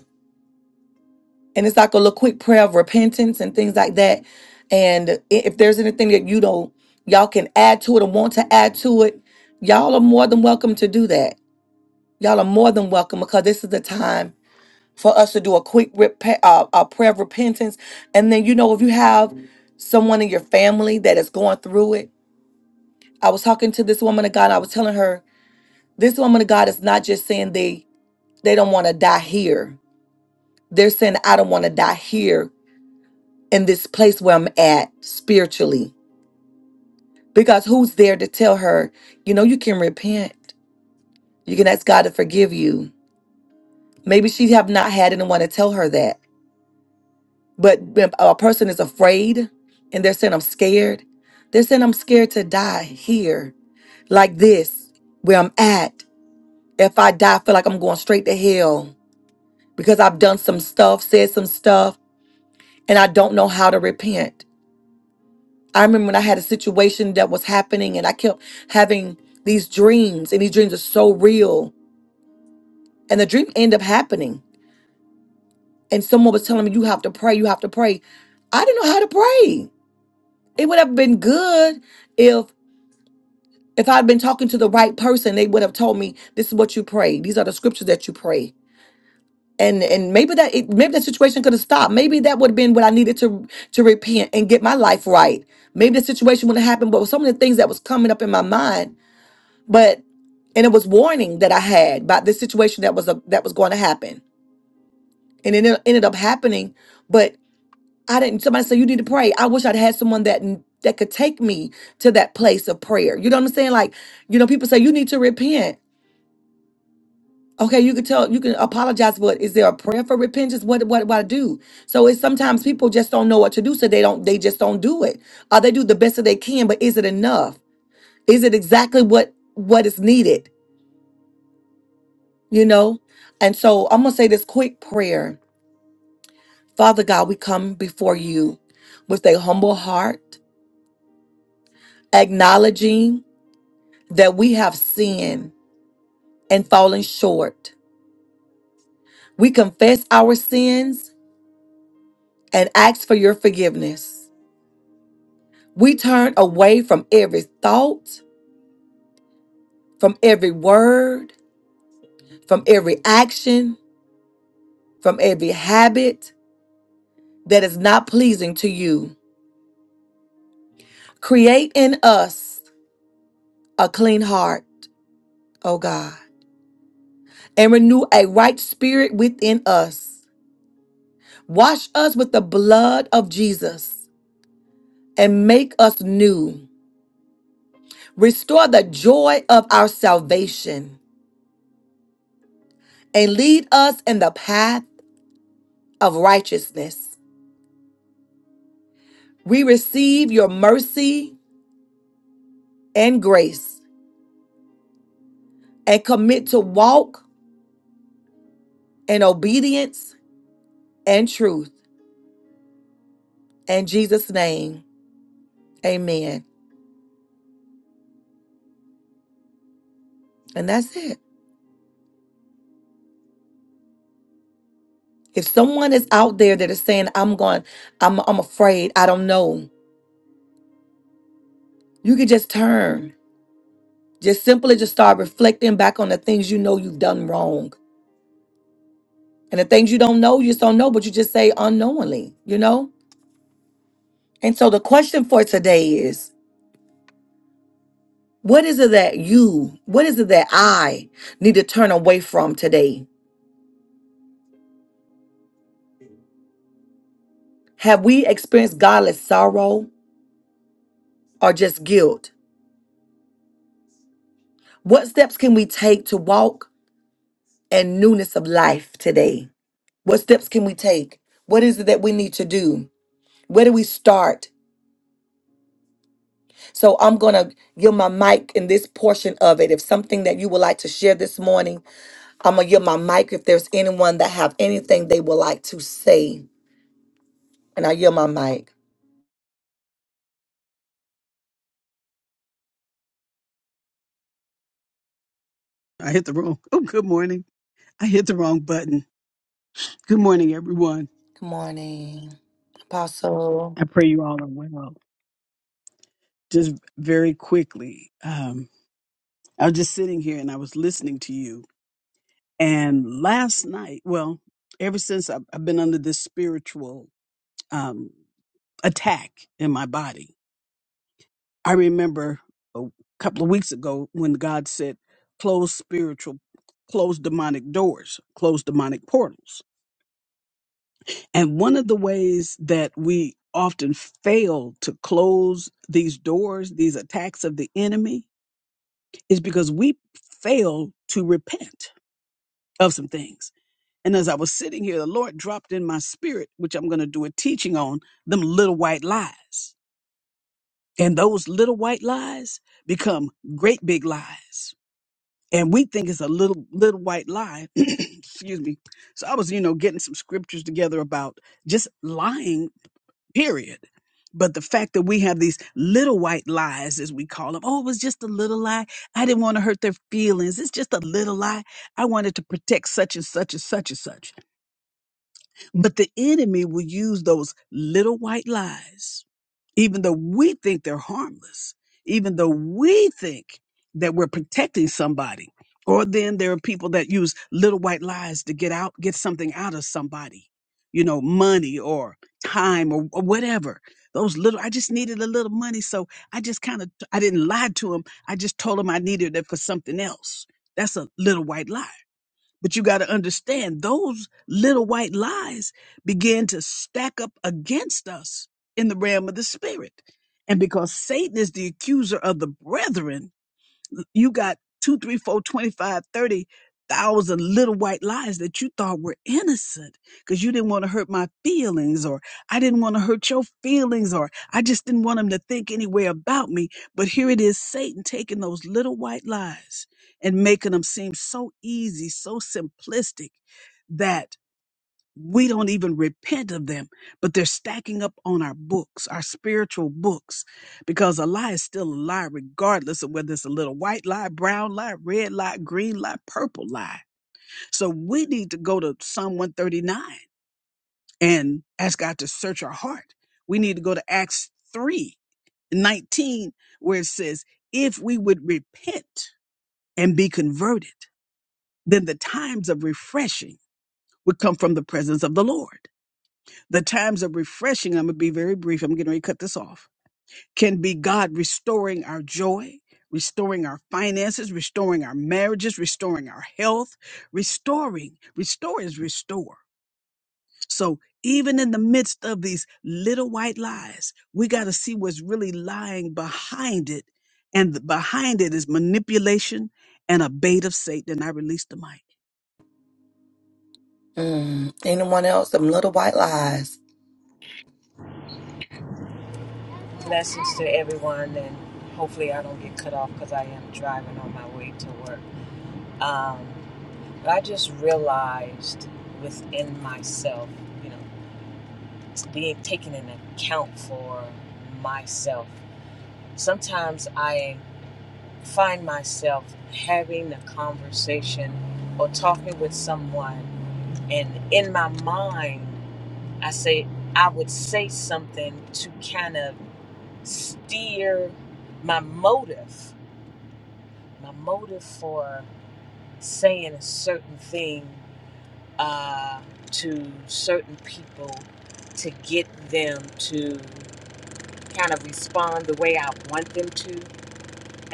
S1: and it's like a little quick prayer of repentance and things like that. And i- if there's anything that you don't, y'all can add to it or want to add to it, y'all are more than welcome to do that. Y'all are more than welcome because this is the time for us to do a quick repa- uh, a prayer of repentance. And then, you know, if you have someone in your family that is going through it, I was talking to this woman of God. I was telling her this woman of God is not just saying they they don't want to die here. They're saying I don't want to die here in this place where I'm at spiritually. Because who's there to tell her, you know, you can repent. You can ask God to forgive you. Maybe she have not had anyone to tell her that. But when a person is afraid and they're saying, I'm scared. They're saying, I'm scared to die here, like this, where I'm at. If I die, I feel like I'm going straight to hell because I've done some stuff, said some stuff, and I don't know how to repent. I remember when I had a situation that was happening and I kept having these dreams, and these dreams are so real. And the dream ended up happening. And someone was telling me, You have to pray, you have to pray. I didn't know how to pray. It would have been good if if I'd been talking to the right person, they would have told me, This is what you pray. These are the scriptures that you pray. And and maybe that it, maybe that situation could have stopped. Maybe that would have been what I needed to to repent and get my life right. Maybe the situation would have happened, but with some of the things that was coming up in my mind But and it was warning that I had about this situation that was a, that was going to happen, and it en- ended up happening. But I didn't. Somebody said you need to pray. I wish I'd had someone that kn- that could take me to that place of prayer. You know what I'm saying? Like you know, people say you need to repent. Okay, you can tell you can apologize, but is there a prayer for repentance? What what what I do? So it's sometimes people just don't know what to do, so they don't they just don't do it. Or they do the best that they can, but is it enough? Is it exactly what what is needed? you know? And so I'm going to say this quick prayer. Father God, we come before you with a humble heart, acknowledging that we have sinned and fallen short. We confess our sins and ask for your forgiveness. We turn away from every thought, from every word, from every action, from every habit that is not pleasing to you. Create in us a clean heart, oh God and renew a right spirit within us. Wash us with the blood of Jesus and make us new. Restore the joy of our salvation and lead us in the path of righteousness. We receive your mercy and grace and commit to walk in obedience and truth. In Jesus' name, amen. And that's it. If someone is out there that is saying, I'm going, I'm, I'm afraid, I don't know. You can just turn. Just simply just start reflecting back on the things you know you've done wrong. And the things you don't know, you just don't know, but you just say unknowingly, you know? And so the question for today is what is it that you, what is it that I need to turn away from today? Have we experienced godless sorrow or just guilt? What steps can we take to walk in newness of life today? What steps can we take? What is it that we need to do? Where do we start? So I'm going to give my mic in this portion of it. If something that you would like to share this morning, I'm going to give my mic if there's anyone that have anything they would like to say. And I yield my mic.
S4: I hit the wrong. Oh, good morning. I hit the wrong button. Good morning, everyone.
S1: Good morning, Apostle.
S4: I pray you all are well. Just very quickly, um, I was just sitting here and I was listening to you. And last night, well, ever since I've, I've been under this spiritual um, attack in my body, I remember a couple of weeks ago when God said, close spiritual, close demonic doors, close demonic portals. And one of the ways that we often fail to close these doors, these attacks of the enemy, is because we fail to repent of some things. And as I was sitting here, the Lord dropped in my spirit, which I'm going to do a teaching on, them little white lies. And those little white lies become great big lies. And we think it's a little little white lie. Excuse me. So I was, you know, getting some scriptures together about just lying period. But the fact that we have these little white lies, as we call them, oh, it was just a little lie. I didn't want to hurt their feelings. It's just a little lie. I wanted to protect such and such and such and such. But the enemy will use those little white lies, even though we think they're harmless, even though we think that we're protecting somebody. Or then there are people that use little white lies to get out, get something out of somebody, you know, money or time or, or whatever. Those little, I just needed a little money. So I just kind of, I didn't lie to him. I just told him I needed it for something else. That's a little white lie. But you got to understand those little white lies begin to stack up against us in the realm of the spirit. And because Satan is the accuser of the brethren, you got two, three, four, twenty-five, thirty thousand little white lies that you thought were innocent because you didn't want to hurt my feelings or I didn't want to hurt your feelings or I just didn't want them to think any way about me. But here it is, Satan taking those little white lies and making them seem so easy, so simplistic that we don't even repent of them, but they're stacking up on our books, our spiritual books, because a lie is still a lie, regardless of whether it's a little white lie, brown lie, red lie, green lie, purple lie. So we need to go to Psalm 139 and ask God to search our heart. We need to go to Acts 3 19, where it says, If we would repent and be converted, then the times of refreshing would come from the presence of the Lord. The times of refreshing, I'm going to be very brief. I'm getting ready to cut this off. Can be God restoring our joy, restoring our finances, restoring our marriages, restoring our health, restoring. Restore is restore. So even in the midst of these little white lies, we got to see what's really lying behind it. And the- behind it is manipulation and a bait of Satan. And I release the mic.
S1: Mm, anyone else? Some little white lies.
S5: Blessings to everyone, and hopefully, I don't get cut off because I am driving on my way to work. Um, but I just realized within myself, you know, being taken into account for myself. Sometimes I find myself having a conversation or talking with someone and in my mind i say i would say something to kind of steer my motive my motive for saying a certain thing uh, to certain people to get them to kind of respond the way I want them to. And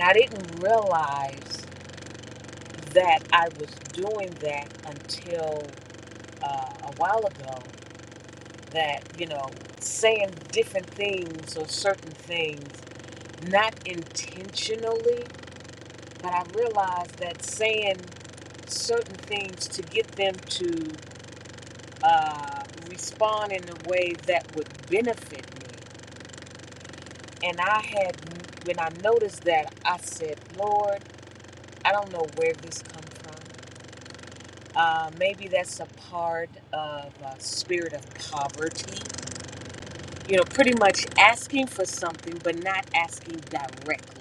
S5: I didn't realize that I was doing that until uh, a while ago. That, you know, saying different things or certain things, not intentionally, But I realized that saying certain things to get them to uh, respond in a way that would benefit me. And I had, when I noticed that, I said, Lord, I don't know where this comes from. Uh, maybe that's a part of a spirit of poverty. You know, pretty much asking for something, but not asking directly.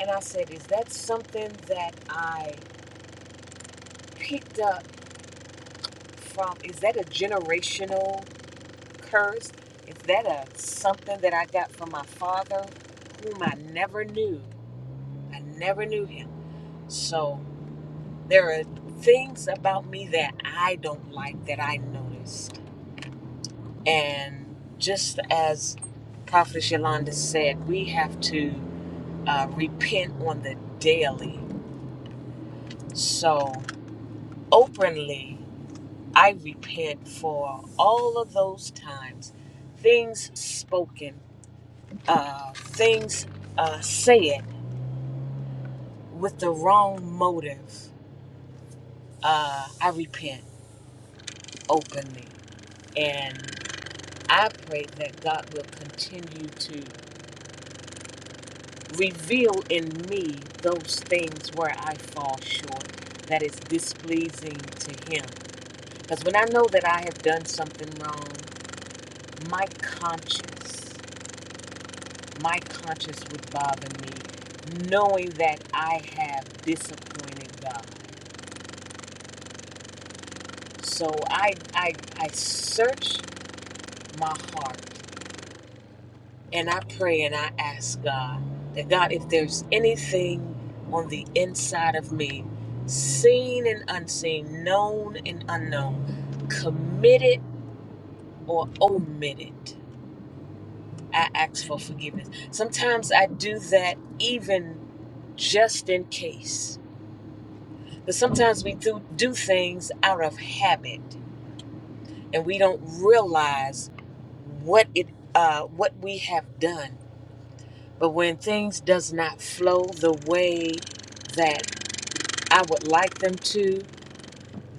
S5: And I said, is that something that I picked up from is that a generational curse is that a something that i got from my father whom i never knew i never knew him so there are things about me that i don't like that i noticed and just as prophet yolanda said we have to uh, repent on the daily so openly I repent for all of those times, things spoken, uh, things uh, said with the wrong motive. Uh, I repent openly. And I pray that God will continue to reveal in me those things where I fall short that is displeasing to Him. Because when I know that I have done something wrong, my conscience. my conscience would bother me knowing that I have disappointed God. So I, I, I search my heart and I pray and I ask God that God, if there's anything on the inside of me, seen and unseen, known and unknown, committed or omitted, I ask for forgiveness. Sometimes I do that even just in case But sometimes we do, do things out of habit and we don't realize what it uh, what we have done. But when things does not flow the way that I would like them to,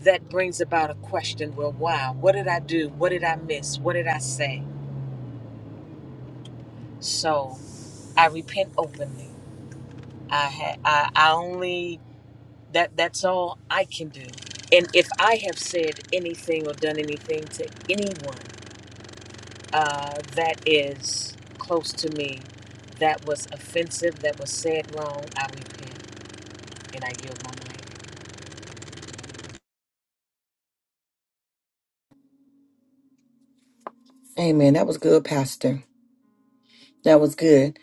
S5: that brings about a question. Well, why? What did I do? What did I miss? What did I say? So I repent openly. I ha- I, I only that that's all I can do. And if I have said anything or done anything to anyone uh, that is close to me, that was offensive, that was said wrong, I repent and I yield my life.
S1: Amen. That was good, Pastor. That was good.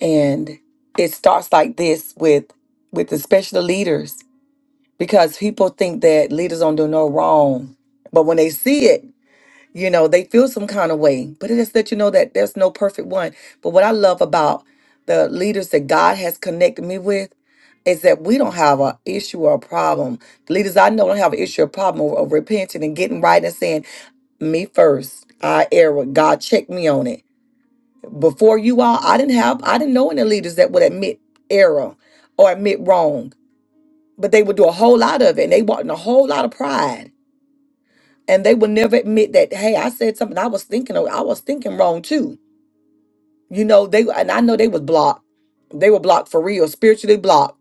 S1: And it starts like this with with especially the leaders because people think that leaders don't do no wrong. But when they see it, you know they feel some kind of way but it just let you know that there's no perfect one but what i love about the leaders that god has connected me with is that we don't have an issue or a problem the leaders i know don't have an issue or problem of, of repenting and getting right and saying me first i error god checked me on it before you all i didn't have i didn't know any leaders that would admit error or admit wrong but they would do a whole lot of it and they walked in a whole lot of pride and they would never admit that hey i said something i was thinking i was thinking wrong too you know they and i know they was blocked they were blocked for real spiritually blocked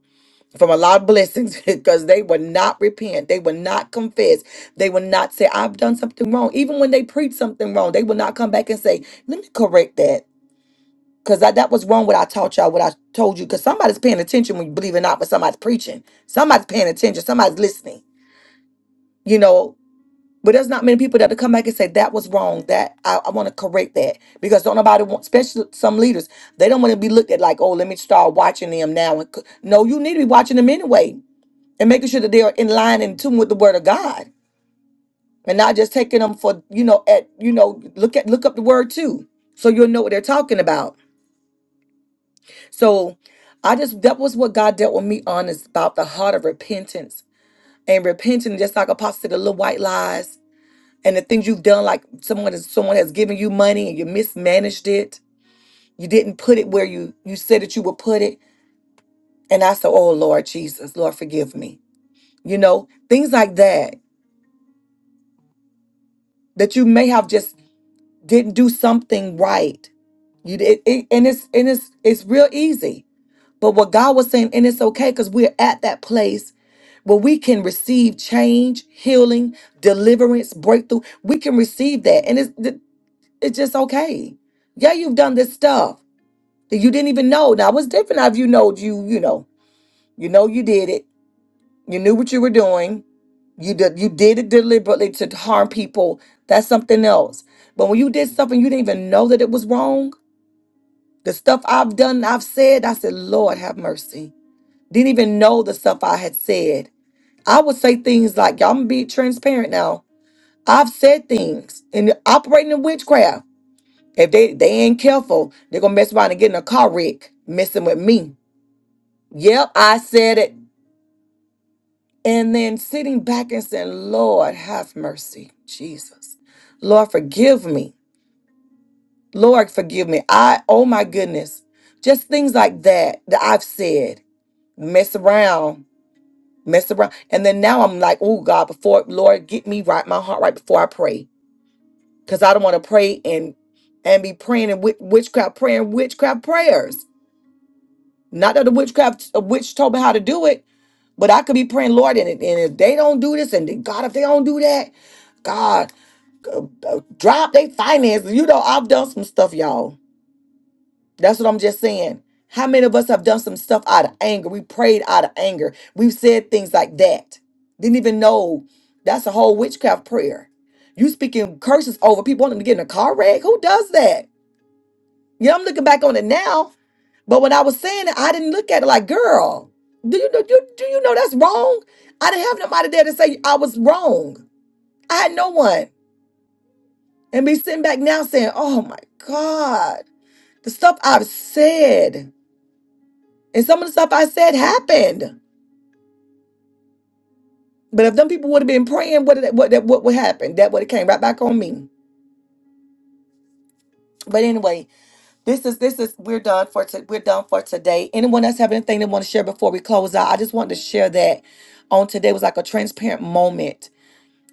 S1: from a lot of blessings because they would not repent they would not confess they would not say i've done something wrong even when they preach something wrong they would not come back and say let me correct that because that was wrong what i taught y'all what i told you because somebody's paying attention when you believe it or not but somebody's preaching somebody's paying attention somebody's listening you know But there's not many people that to come back and say that was wrong. That I, I want to correct that because don't nobody want, especially some leaders, they don't want to be looked at like, oh, let me start watching them now. And co-" no, you need to be watching them anyway and making sure that they are in line and in tune with the Word of God and not just taking them for you know at you know look at look up the Word too, so you'll know what they're talking about. So I just that was what God dealt with me on is about the heart of repentance and repenting, just like Apostle said, the little white lies and the things you've done like someone has someone has given you money and you mismanaged it you didn't put it where you you said that you would put it and i said oh lord jesus lord forgive me you know things like that that you may have just didn't do something right you did it, and it's and it's it's real easy but what god was saying and it's okay because we're at that place where we can receive change healing deliverance breakthrough we can receive that and it's it's just okay yeah you've done this stuff that you didn't even know. Now it different. If you know you, you know, you know you did it. You knew what you were doing. You did you did it deliberately to harm people. That's something else. But when you did something you didn't even know that it was wrong, the stuff I've done, I've said, I said, Lord have mercy. Didn't even know the stuff I had said. I would say things like, y'all, I'm gonna be transparent now. I've said things and operating in witchcraft. If they, they ain't careful, they're gonna mess around and get in a car wreck, messing with me. Yep, I said it. And then sitting back and saying, Lord, have mercy, Jesus. Lord, forgive me. Lord, forgive me. I, oh my goodness, just things like that that I've said, mess around, mess around. And then now I'm like, oh God, before, Lord, get me right, my heart right before I pray. Because I don't want to pray and and be praying and witchcraft, praying witchcraft prayers. Not that the witchcraft, a witch told me how to do it, but I could be praying, Lord, and, and if they don't do this, and then, God, if they don't do that, God. drop their finances. You know, I've done some stuff, y'all. That's what I'm just saying. How many of us have done some stuff out of anger? We prayed out of anger. We've said things like that. Didn't even know that's a whole witchcraft prayer. You speaking curses over people wanting to get in a car wreck. Who does that? You know, I'm looking back on it now, but when I was saying it, I didn't look at it like, girl, do you know you do you know that's wrong? I didn't have nobody there to say I was wrong. I had no one. And be sitting back now saying, oh my God. The stuff I've said and some of the stuff I said happened. But if them people would have been praying, what did- what that what would happen? That would have came right back on me. But anyway, this is this is we're done for to, we're done for today. Anyone else have anything they want to share before we close out? I just wanted to share that on today was like a transparent moment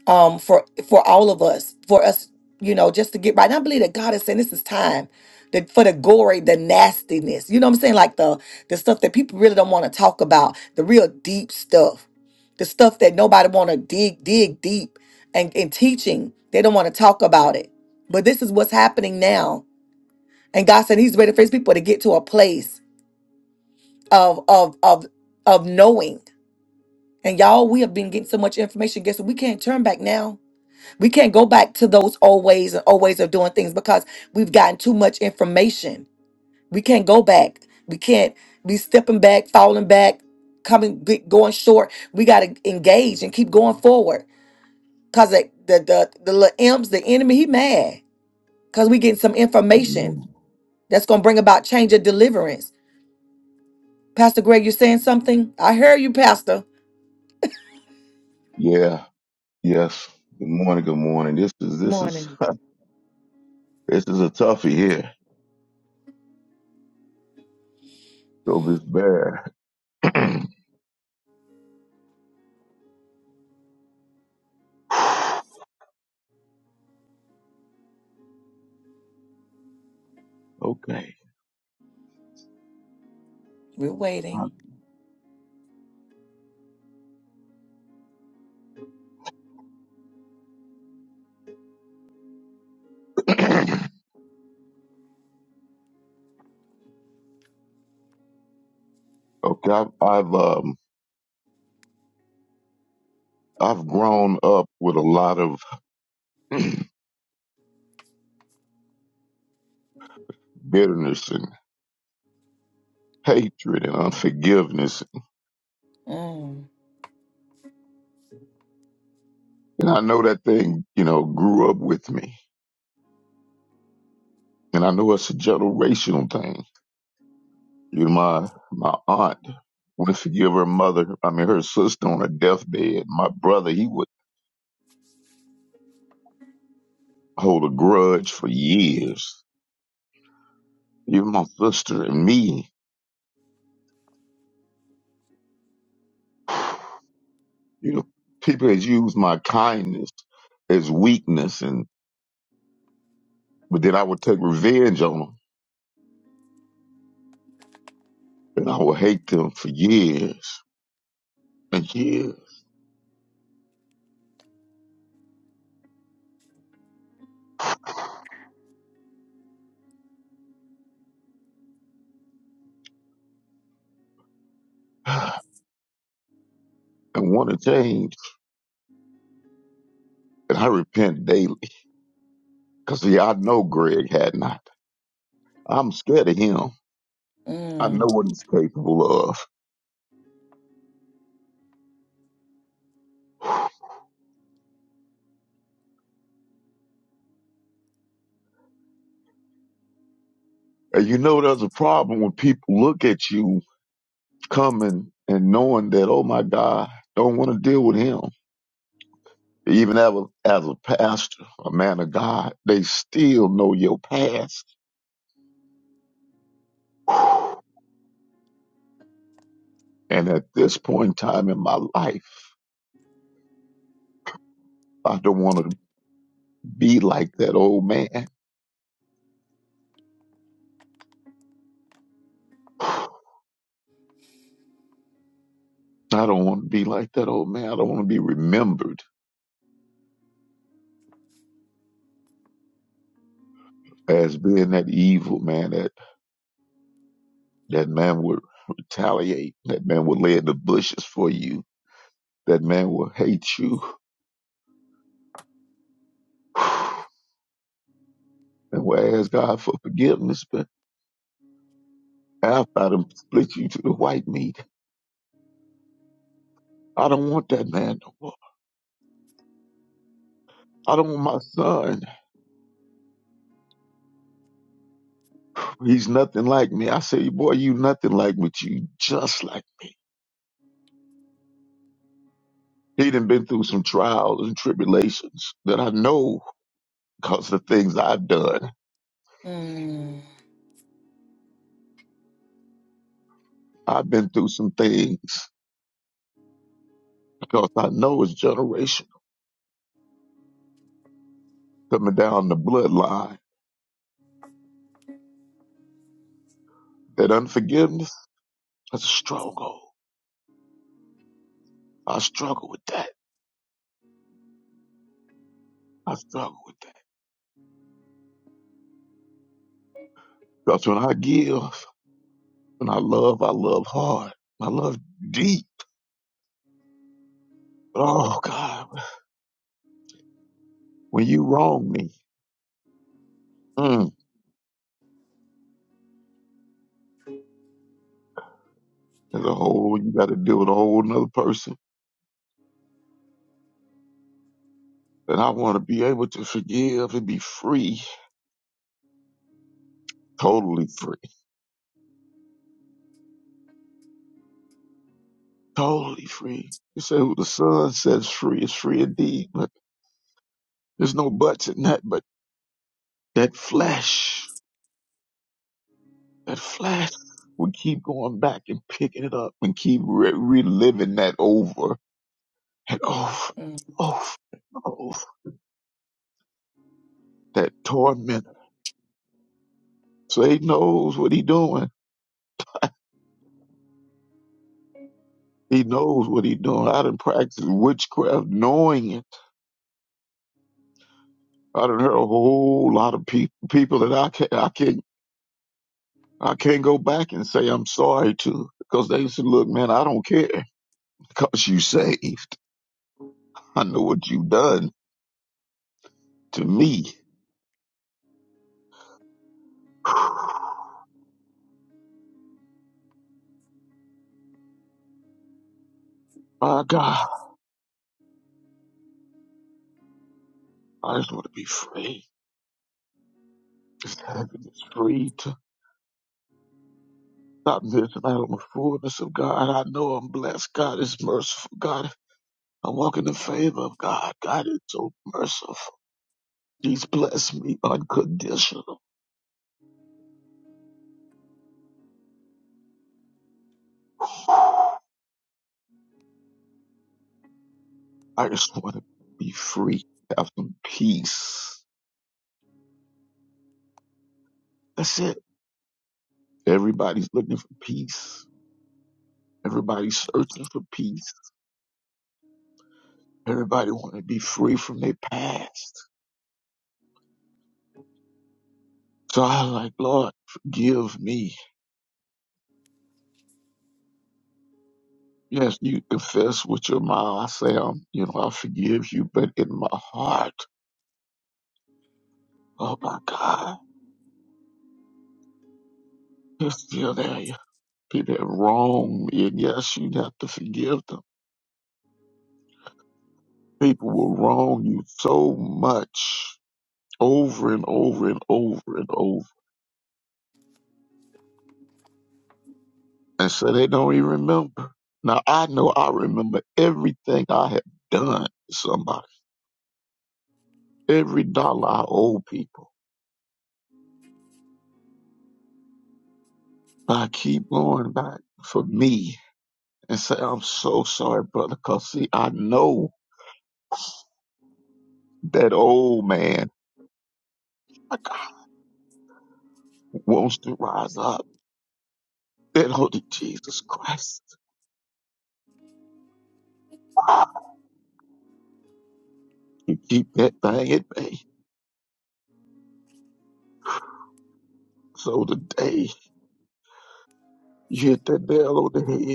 S1: um for for all of us for us you know just to get right and i believe that god is saying this is time that for the gory the nastiness you know what i'm saying like the the stuff that people really don't want to talk about the real deep stuff the stuff that nobody want to dig dig deep and in teaching they don't want to talk about it but this is what's happening now and god said he's ready for his people to get to a place of of of of knowing and y'all we have been getting so much information guess what we can't turn back now we can't go back to those old ways and old ways of doing things because we've gotten too much information. We can't go back. We can't be stepping back, falling back, coming be- going short. We got to engage and keep going forward because the, the the the little imps, the enemy, he mad because we getting some information
S6: Amen.
S1: that's gonna bring about change and deliverance. Pastor Greg, you saying something? I hear you, Pastor.
S6: Yeah. Yes. Good morning. Good morning. This is this is this is a toughie here. So this bear. okay.
S1: We're waiting.
S6: okay. I've, I've um I've grown up with a lot of bitterness and hatred and unforgiveness,
S1: Mm,
S6: and I know that thing you know grew up with me, and I know it's a generational thing. You know, my my aunt wouldn't forgive her mother. I mean, her sister on her deathbed. My brother, he would. hold a grudge for years. You, my sister, and me. You know, people has used my kindness as weakness, and but then I would take revenge on them, and I would hate them for years and years. And want to change, and I repent daily. Cause see, I know Greg had not. I'm scared of him. I know
S1: mm,
S6: what he's capable of. And you know, there's a problem when people look at you coming and knowing that, oh my God, don't want to deal with him. Even as a, as a pastor, a man of God, they still know your past. And at this point in time in my life, I don't want to be like that old man. I don't want to be like that old man. I don't want to be remembered as being that evil man. That that man would retaliate. That man would lay in the bushes for you. That man will hate you. And will ask God for forgiveness, but after I done split you to the white meat, I don't want that man no more. I don't want my son. He's nothing like me. I say, boy, you nothing like me. but You just like me. He done been through some trials and tribulations that I know because of the things I've done.
S1: mm,
S6: I've been through some things because I know it's generational. Coming down the bloodline, that unforgiveness, that's a struggle. I struggle with that. I struggle with that. Because when I give, when I love, I love hard. I love deep. Oh, God, when you wrong me. mm, as a whole. You got to deal with a whole nother person. And I want to be able to forgive and be free, totally free, totally free. You say who the Son sets free is free indeed, but there's no buts in that. But that flesh, that flesh, we keep going back and picking it up and keep re- reliving that over and over,
S1: mm.
S6: over, and over. That torment. So he knows what he doing. He knows what he doing. I done practiced witchcraft knowing it I done heard a whole lot of people people that I can't I can't I can't go back and say I'm sorry to because they said, "Look, man, I don't care because you saved. I know what you've done to me. My God, I just want to be free. Just having this free to stop this and out on the fullness of God. I know I'm blessed. God is merciful. God, I walk in the favor of God. God is so merciful. He's blessed me unconditional. I just want to be free, have some peace. That's it. Everybody's looking for peace. Everybody's searching for peace. Everybody want to be free from their past. So I was like, Lord, forgive me. Yes, you confess with your mouth. I say, um, you know, I forgive you, but in my heart, oh my God, it's still there. People that wrong me, and yes, you have to forgive them. People will wrong you so much over and over and over and over. And so they don't even remember. Now I know I remember everything I have done to somebody, every dollar I owe people. But I keep going back for me and say, I'm so sorry, brother, because see, I know that old man wants to rise up. And holy Jesus Christ, to keep that thing at bay. So today, you hit that nail on the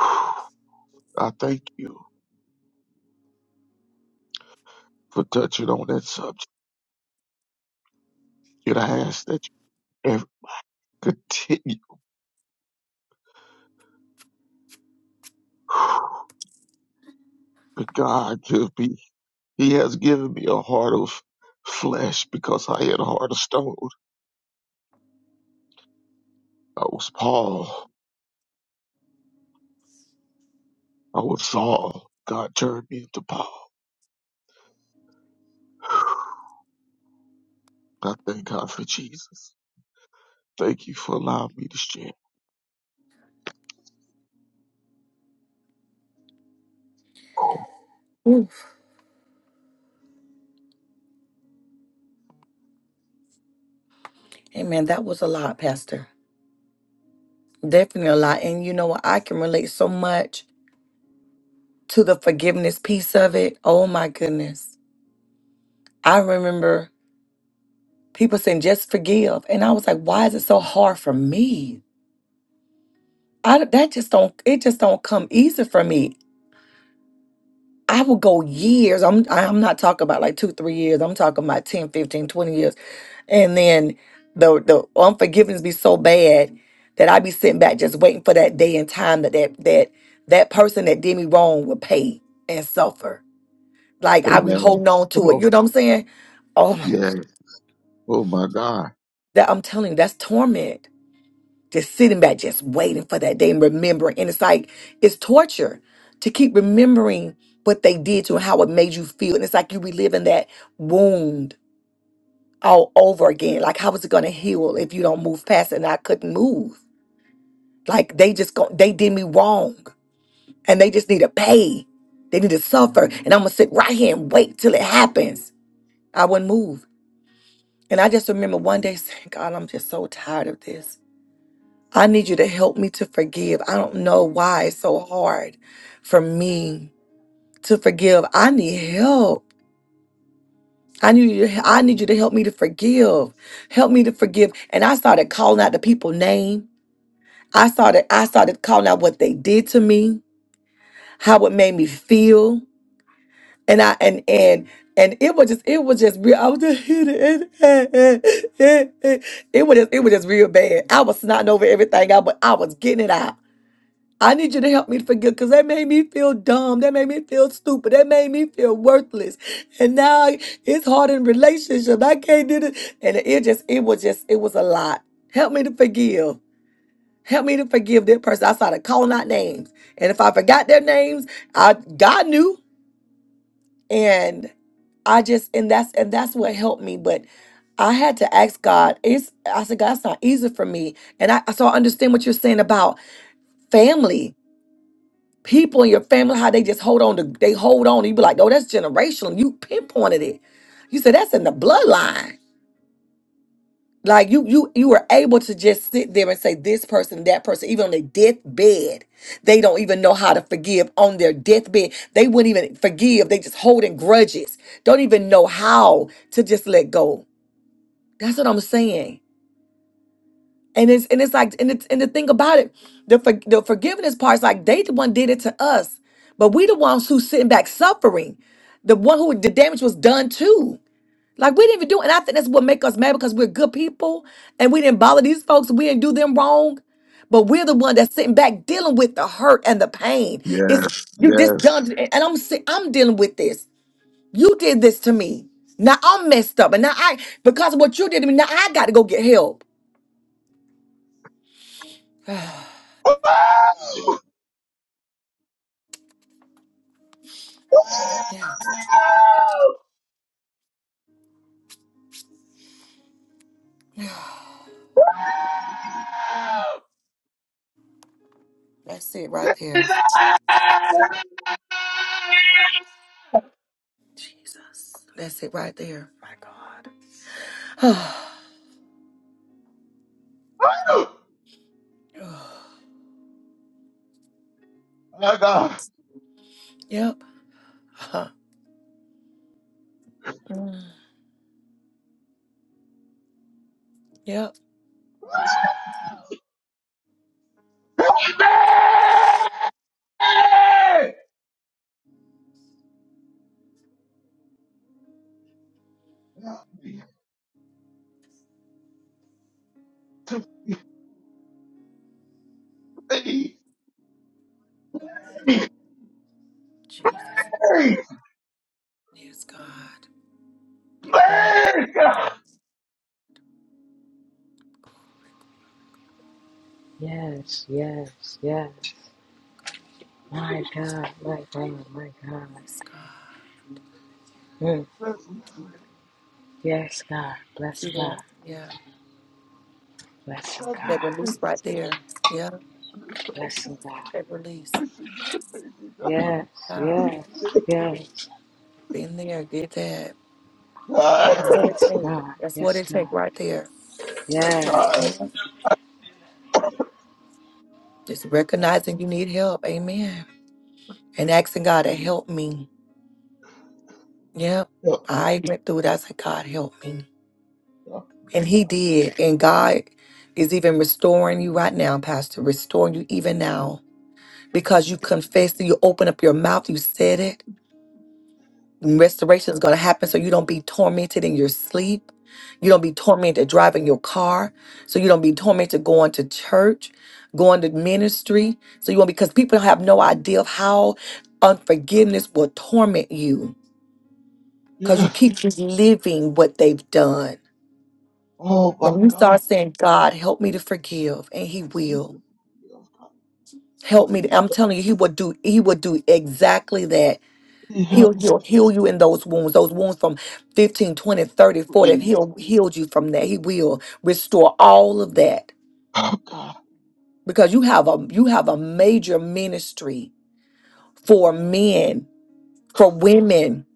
S6: head. I thank you. for touching on that subject. And I ask that you ever continue. But God give me, He has given me a heart of flesh because I had a heart of stone. I was Paul. I was Saul. God turned me into Paul. I thank God for Jesus. Thank you for allowing me to share.
S1: Oof. Amen. That was a lot, Pastor. Definitely a lot. And you know what? I can relate so much to the forgiveness piece of it. Oh my goodness. I remember people saying just forgive. And I was like, why is it so hard for me? I d- that just don't it just don't come easy for me. I will go years. I'm I'm not talking about like 2 3 years. I'm talking about 10, 15, 20 years. And then the the unforgiveness be so bad that I be sitting back just waiting for that day and time that that that that person that did me wrong would pay and suffer Like I was
S6: Amen.
S1: holding on
S6: Come
S1: to it.
S6: on.
S1: You know what I'm saying? Oh my
S6: Yeah.
S1: God.
S6: Oh my God.
S1: That I'm telling you, that's torment. Just sitting back, just waiting for that day and remembering. And it's like it's torture to keep remembering what they did to you and how it made you feel. And it's like you reliving that wound all over again. Like how is it gonna heal if you don't move past it? And I couldn't move. Like they just go they did me wrong. And they just need to pay. They need to suffer. And I'm gonna sit right here and wait till it happens. I wouldn't move. And I just remember one day saying, God, I'm just so tired of this. I need you to help me to forgive. I don't know why it's so hard for me to forgive. I need help. I need you to, I need you to help me to forgive. Help me to forgive. And I started calling out the people's name. I started I started calling out what they did to me, how it made me feel. and I and and and it was just it was just real. I was just it was just, it was just real bad. I was snotting over everything I but I was getting it out. I need you to help me to forgive because that made me feel dumb. That made me feel stupid. That made me feel worthless. And now it's hard in relationship. I can't do this. And it just it was just it was a lot. Help me to forgive. Help me to forgive that person. I started calling out names. And if I forgot their names, I God knew and I just and that's and that's what helped me. But I had to ask God. It's I said, God, it's not easy for me. And I so I understand what you're saying about family, people in your family, how they just hold on to they hold on. You be like, oh, that's generational. You pinpointed it. You said that's in the bloodline. Like you, you, you were able to just sit there and say this person, that person, even on their deathbed, they don't even know how to forgive. On their deathbed, they wouldn't even forgive. They just holding grudges. Don't even know how to just let go. That's what I'm saying. And it's and it's like and it's and the thing about it, the for, the forgiveness part is like they the one did it to us, but we the ones who sitting back suffering, the one who the damage was done to. Like we didn't even do, and I think that's what make us mad because we're good people and we didn't bother these folks. We didn't do them wrong, but we're the one that's sitting back dealing with the hurt and the pain. It's
S6: Yes.
S1: you this
S6: Yes.
S1: done, and I'm si- I'm dealing with this. You did this to me. Now I'm messed up, and now I because of what you did to me. Now I got to go get help. Yes, that's it right there. Jesus, that's it right there. My God.
S6: My God.
S1: yep. Yep.
S6: Help me to please. Please.
S1: Jesus. Yes, God. Glory.
S6: Please. God.
S5: Yes, yes, yes. My God, my God, my God. Mm.
S6: But
S5: Yes, God. Bless
S1: See
S5: God.
S1: that? Yeah.
S5: Bless him,
S6: God is
S1: That
S5: God.
S1: release right
S6: grace
S1: there. Yeah.
S5: Bless him, God.
S1: That release.
S6: to forgive me.
S5: Yes,
S1: Wow.
S5: yes, yes,
S1: Been there, get that.
S6: I'm
S1: And that's what
S6: tired.
S1: it
S5: yes,
S1: takes.
S5: God.
S1: That's what
S5: Yes,
S1: it
S5: God.
S1: takes right there.
S6: I'm
S1: Yeah.
S5: Yes.
S1: Just recognizing you need help. Amen. And asking God to help me. Yep.
S6: tired.
S1: I went through that. I said, God, help me. And He did. And God is even restoring you right now, Pastor, restoring you even now. because you confessed and you open up your mouth, you said it. Restoration is going to happen so you don't be tormented in your sleep. You don't be tormented driving your car. So you don't be tormented going to church, going to ministry. So you won't because people have no idea of how unforgiveness will torment you because
S6: Yeah.
S1: you keep just living what they've done.
S6: Oh
S1: But
S6: my
S1: when you
S6: God.
S1: start saying, God, help me to forgive, and He will.
S6: Yeah,
S1: Help me. To,
S6: Please.
S1: I'm telling you, He will do, He will do exactly that
S6: Yeah,
S1: He'll, he'll heal you in those wounds, those wounds from fifteen, twenty, thirty, forty.
S6: please.
S1: He'll heal you from that. He will restore all of that
S6: Oh God.
S1: because you have a you have a major ministry for men, for women,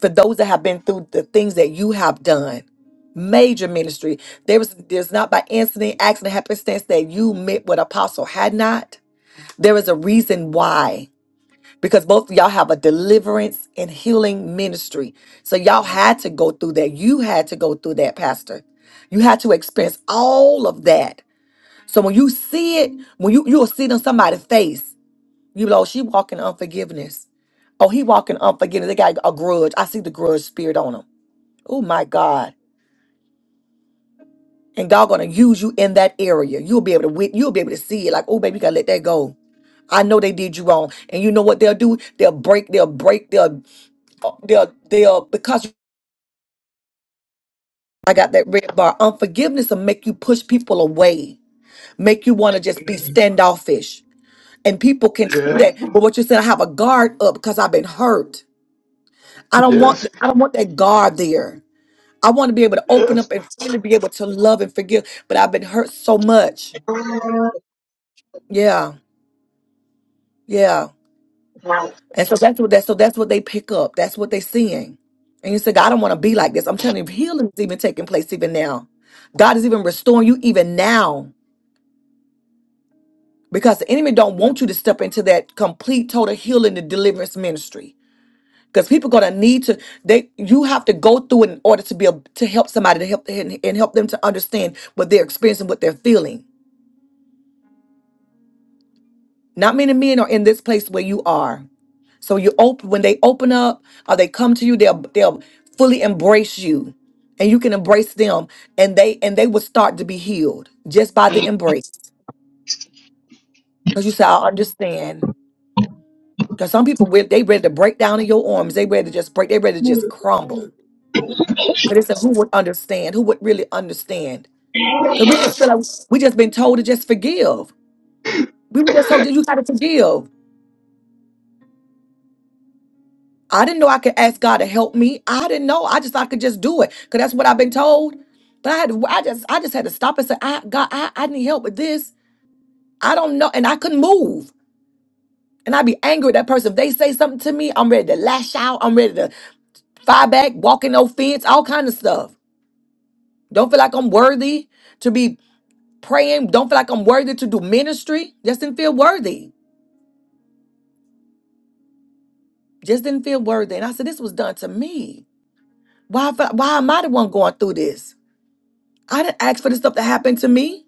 S1: for those that have been through the things that you have done. Major ministry. There was there's not by incident, accident, happenstance that you met with Apostle had not. There is a reason why. because both of y'all have a deliverance and healing ministry. So y'all had to go through that. You had to go through that, Pastor. You had to experience all of that. So when you see it, when you you'll see it on somebody's face, you know she walking unforgiveness. Oh, he walking unforgiveness. They got a grudge. I see the grudge spirit on them. Oh my God. And God gonna use you in that area. You'll be able to wit- you'll be able to see it. Like, oh baby, you gotta let that go. I know they did you wrong. And you know what they'll do? They'll break, they'll break, they'll they'll they'll because I got that red bar. Unforgiveness will make you push people away, make you want to just be
S6: Yes.
S1: standoffish. And people can see that. But what you said, I have a guard up because I've been hurt. I don't
S6: Yes. Yes.
S1: want I don't want that guard there. I want to be able to open
S6: yes.
S1: up and freely be able to love and forgive. But I've been hurt so much. Yeah, yeah. And so that's what that so that's what they pick up. That's what they're seeing. And you say, God, I don't want to be like this. I'm telling you, healing is even taking place even now. God is even restoring you even now because the enemy don't want you to step into that complete total healing and deliverance ministry because people gonna need to they you have to go through it in order to be able to help somebody to help and, and help them to understand what they're experiencing what they're feeling not many men are in this place where you are so you open when they open up or they come to you they'll they'll fully embrace you and you can embrace them and they and they will start to be healed just by the embrace because you say i understand Because some people, when they ready to break down in your arms. They ready to just break. They ready to just crumble. Because they said, who would understand? Who would really understand? Because we
S6: Oh,
S1: just feel like we just been told to just forgive. We were
S6: God.
S1: just told that you got to forgive. I didn't know I could ask God to help me. I didn't know. I just thought I could just do it. Because that's what I've been told. But I had to, I just I just had to stop and say, I God, I, I need help with this. I don't know. And I couldn't move. And I'd be angry at that person. If they say something to me, I'm ready to lash out. I'm ready to fire back, walk in no fence, all kind of stuff. Don't feel like I'm worthy to be praying. Don't feel like I'm worthy to do ministry. Just didn't feel worthy. Just didn't feel worthy. And I said, this was done to me. Why, I- why am I the one going through this? I didn't ask for this stuff to happen to me.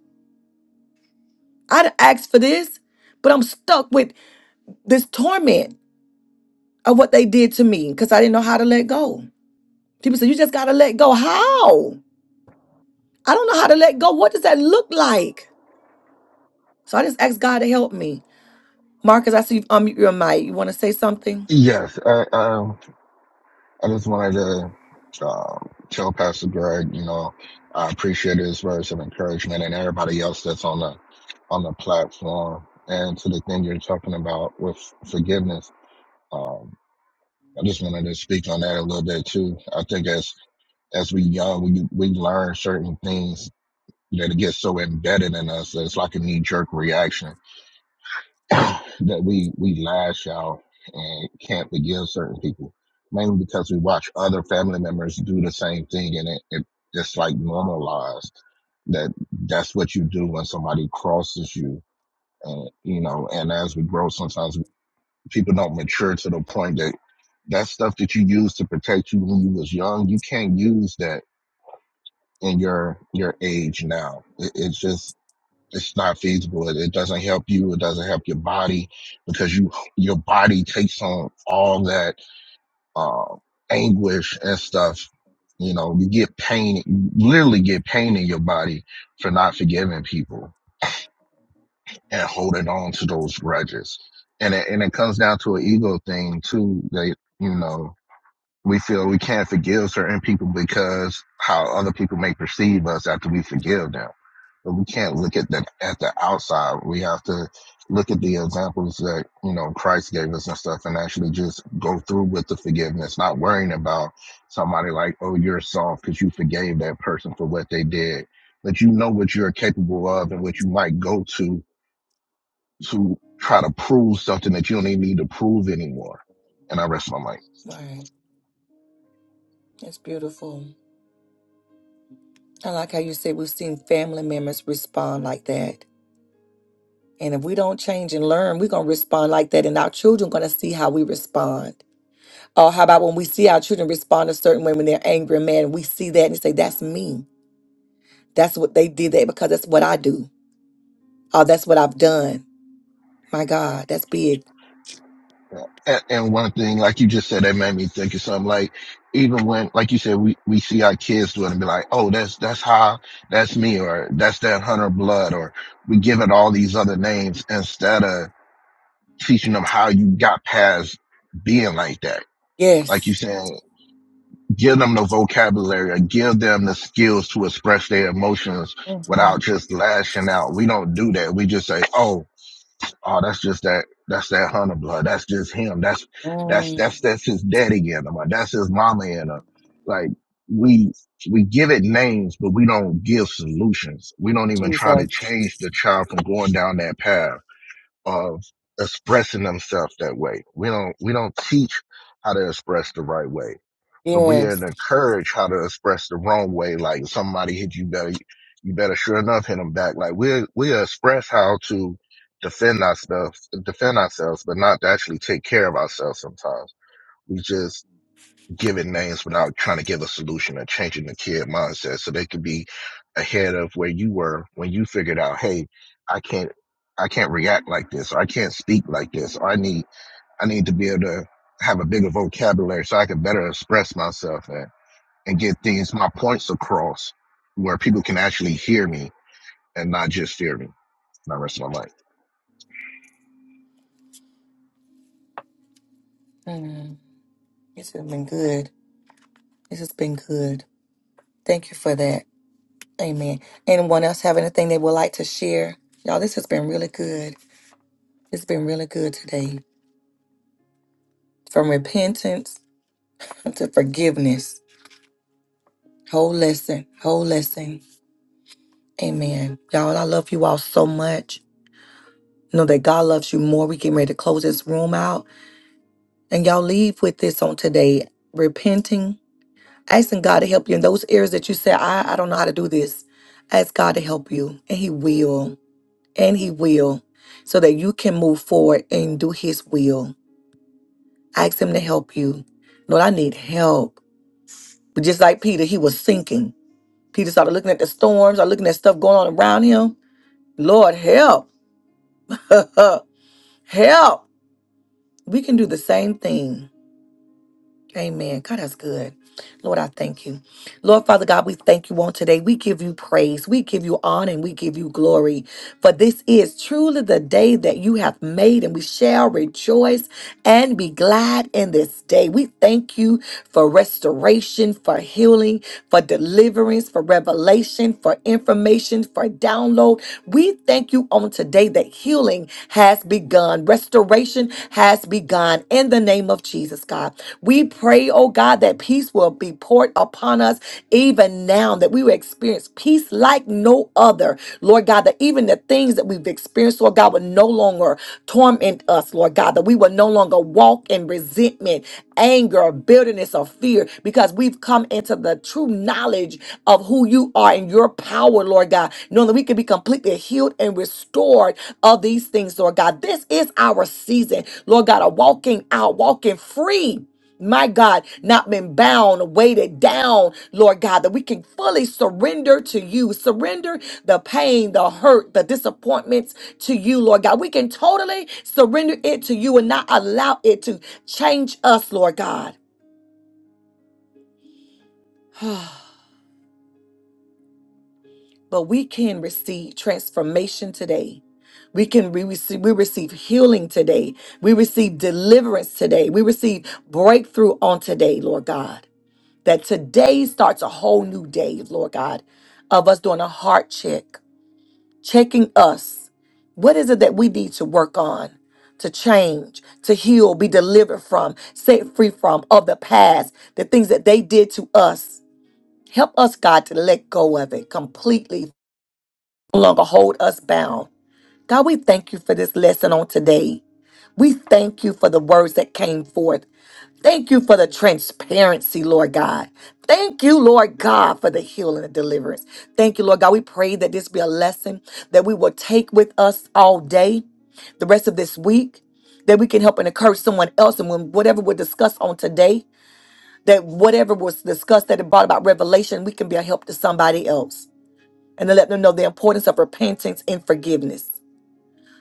S1: I didn't ask for this, but I'm stuck with this torment of what they did to me because I didn't know how to let go. People say, you just got to let go. How? I don't know how to let go. What does that look like? So I just asked God to help me. Marcus, I see you've unmute your mic. You want to say something?
S7: Yes, I, um, I just wanted to um, tell Pastor Greg, you know, I appreciate his words of encouragement and everybody else that's on the on the platform. And to the thing you're talking about with forgiveness, um, I just wanted to speak on that a little bit too. I think as as we young, we we learn certain things that get so embedded in us that it's like a knee jerk reaction that we we lash out and can't forgive certain people, mainly because we watch other family members do the same thing, and it, it it's like normalized that that's what you do when somebody crosses you, and you know. And as we grow, sometimes people don't mature to the point that that stuff that you used to protect you when you was young, you can't use that in your your age now. It, it's just it's not feasible. It, it doesn't help you. It doesn't help your body because you your body takes on all that uh, anguish and stuff. You know, you get pain, you literally get pain in your body for not forgiving people and holding on to those grudges. And it, and it comes down to an ego thing too. That you know we feel we can't forgive certain people because how other people may perceive us after we forgive them but we can't look at the at the outside. We have to look at the examples that you know Christ gave us and stuff, and actually just go through with the forgiveness, not worrying about somebody like, oh, you're soft because you forgave that person for what they did, but you know what you're capable of and what you might go to to try to prove something that you don't even need to prove anymore. And I rest my mic.
S1: Right. That's beautiful. I like how you said we've seen family members respond like that. And if we don't change and learn, we're going to respond like that. And our children going to see how we respond. Or how about when we see our children respond a certain way when they're angry and mad, and we see that and say, that's me. That's what they did that because that's what I do. Oh, that's what I've done. My God, that's big.
S7: And, and one thing, like you just said, that made me think of something. Like even when, like you said, we we see our kids do it and be like, "Oh, that's that's how that's me," or "That's that hunter blood," or we give it all these other names instead of teaching them how you got past being like that.
S1: Yes,
S7: Like you saying, give them the vocabulary, or give them the skills to express their emotions without just lashing out. We don't do that. We just say, "Oh." Oh, that's just that. That's that hunter blood. That's just him. That's that's that's that's his daddy in him. Or that's his mama in him. Like we we give it names, but we don't give solutions. We don't even try to change the child from going down that path of expressing themselves that way. We don't we don't teach how to express the right way but we are
S1: yes.
S7: to encourage how to express the wrong way. Like if somebody hit you better, you better sure enough hit them back. Like we we express how to defend ourselves, defend ourselves, but not to actually take care of ourselves. Sometimes we just give it names without trying to give a solution or changing the kid mindset so they could be ahead of where you were when you figured out, hey, I can't. I can't react like this, or I can't speak like this, or I need I need to be able to have a bigger vocabulary so I can better express myself. and and get things, my points across where people can actually hear me and not just fear me. And I rest my life.
S1: Mm, this has been good. This has been good. Thank you for that. Amen. Anyone else have anything they would like to share? Y'all, this has been really good. It's been really good today. From repentance to forgiveness. Whole lesson. Whole lesson. Amen. Y'all, I love you all so much. Know that God loves you more. We getting ready to close this room out. And y'all leave with this on today. Repenting. Asking God to help you in those areas that you say, I, I don't know how to do this. Ask God to help you. And He will. And He will. So that you can move forward and do His will. Ask Him to help you. Lord, I need help. But just like Peter, he was sinking. Peter started looking at the storms, started looking at stuff going on around him. Lord, help. help. We can do the same thing. Amen. God, that's good. Lord, I thank you. Lord Father God, we thank you on today. We give you praise. We give you honor and we give you glory. For this is truly the day that you have made, and we shall rejoice and be glad in this day. We thank you for restoration, for healing, for deliverance, for revelation, for information, for download. We thank you on today that healing has begun, restoration has begun in the name of Jesus, God. We pray, oh God, that people peace will be poured upon us even now, that we will experience peace like no other. Lord God, that even the things that we've experienced, Lord God, will no longer torment us, Lord God, that we will no longer walk in resentment, anger, bitterness, or fear, because we've come into the true knowledge of who you are and your power, Lord God, knowing that we can be completely healed and restored of these things, Lord God. This is our season, Lord God, of walking out, walking free my God, not been bound, weighted down, Lord God, that we can fully surrender to you, surrender the pain, the hurt, the disappointments to you, Lord God. We can totally surrender it to you and not allow it to change us, Lord God. But we can receive transformation today. We can we receive, we receive healing today. We receive deliverance today. We receive breakthrough on today, Lord God. that today starts a whole new day, Lord God, of us doing a heart check, checking us. What is it that we need to work on, to change, to heal, be delivered from, set free from of the past, the things that they did to us? Help us, God, to let go of it completely, no longer hold us bound. God, we thank you for this lesson on today. We thank you for the words that came forth. Thank you for the transparency, Lord God. Thank you, Lord God, for the healing and deliverance. Thank you, Lord God. We pray that this be a lesson that we will take with us all day, the rest of this week, that we can help and encourage someone else. And when whatever we discuss on today, that whatever was discussed that it brought about revelation, we can be a help to somebody else and to let them know the importance of repentance and forgiveness.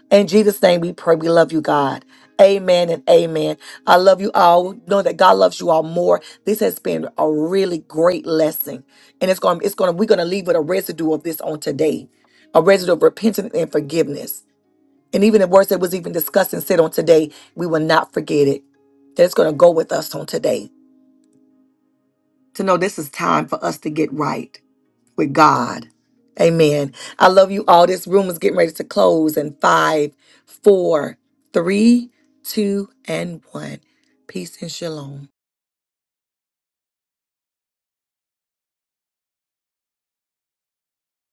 S1: In Jesus' name we pray. We love you, God. Amen and amen. I love you all. Know that God loves you all more. This has been a really great lesson. And it's going to, it's going to, we're going to leave with a residue of this on today. A residue of repentance and forgiveness. And even the words that was even discussed and said on today, we will not forget it. That's going to go with us on today. To know this is time for us to get right with God. Amen. I love you all. This room is getting ready to close in five, four, three, two, and one. Peace and shalom.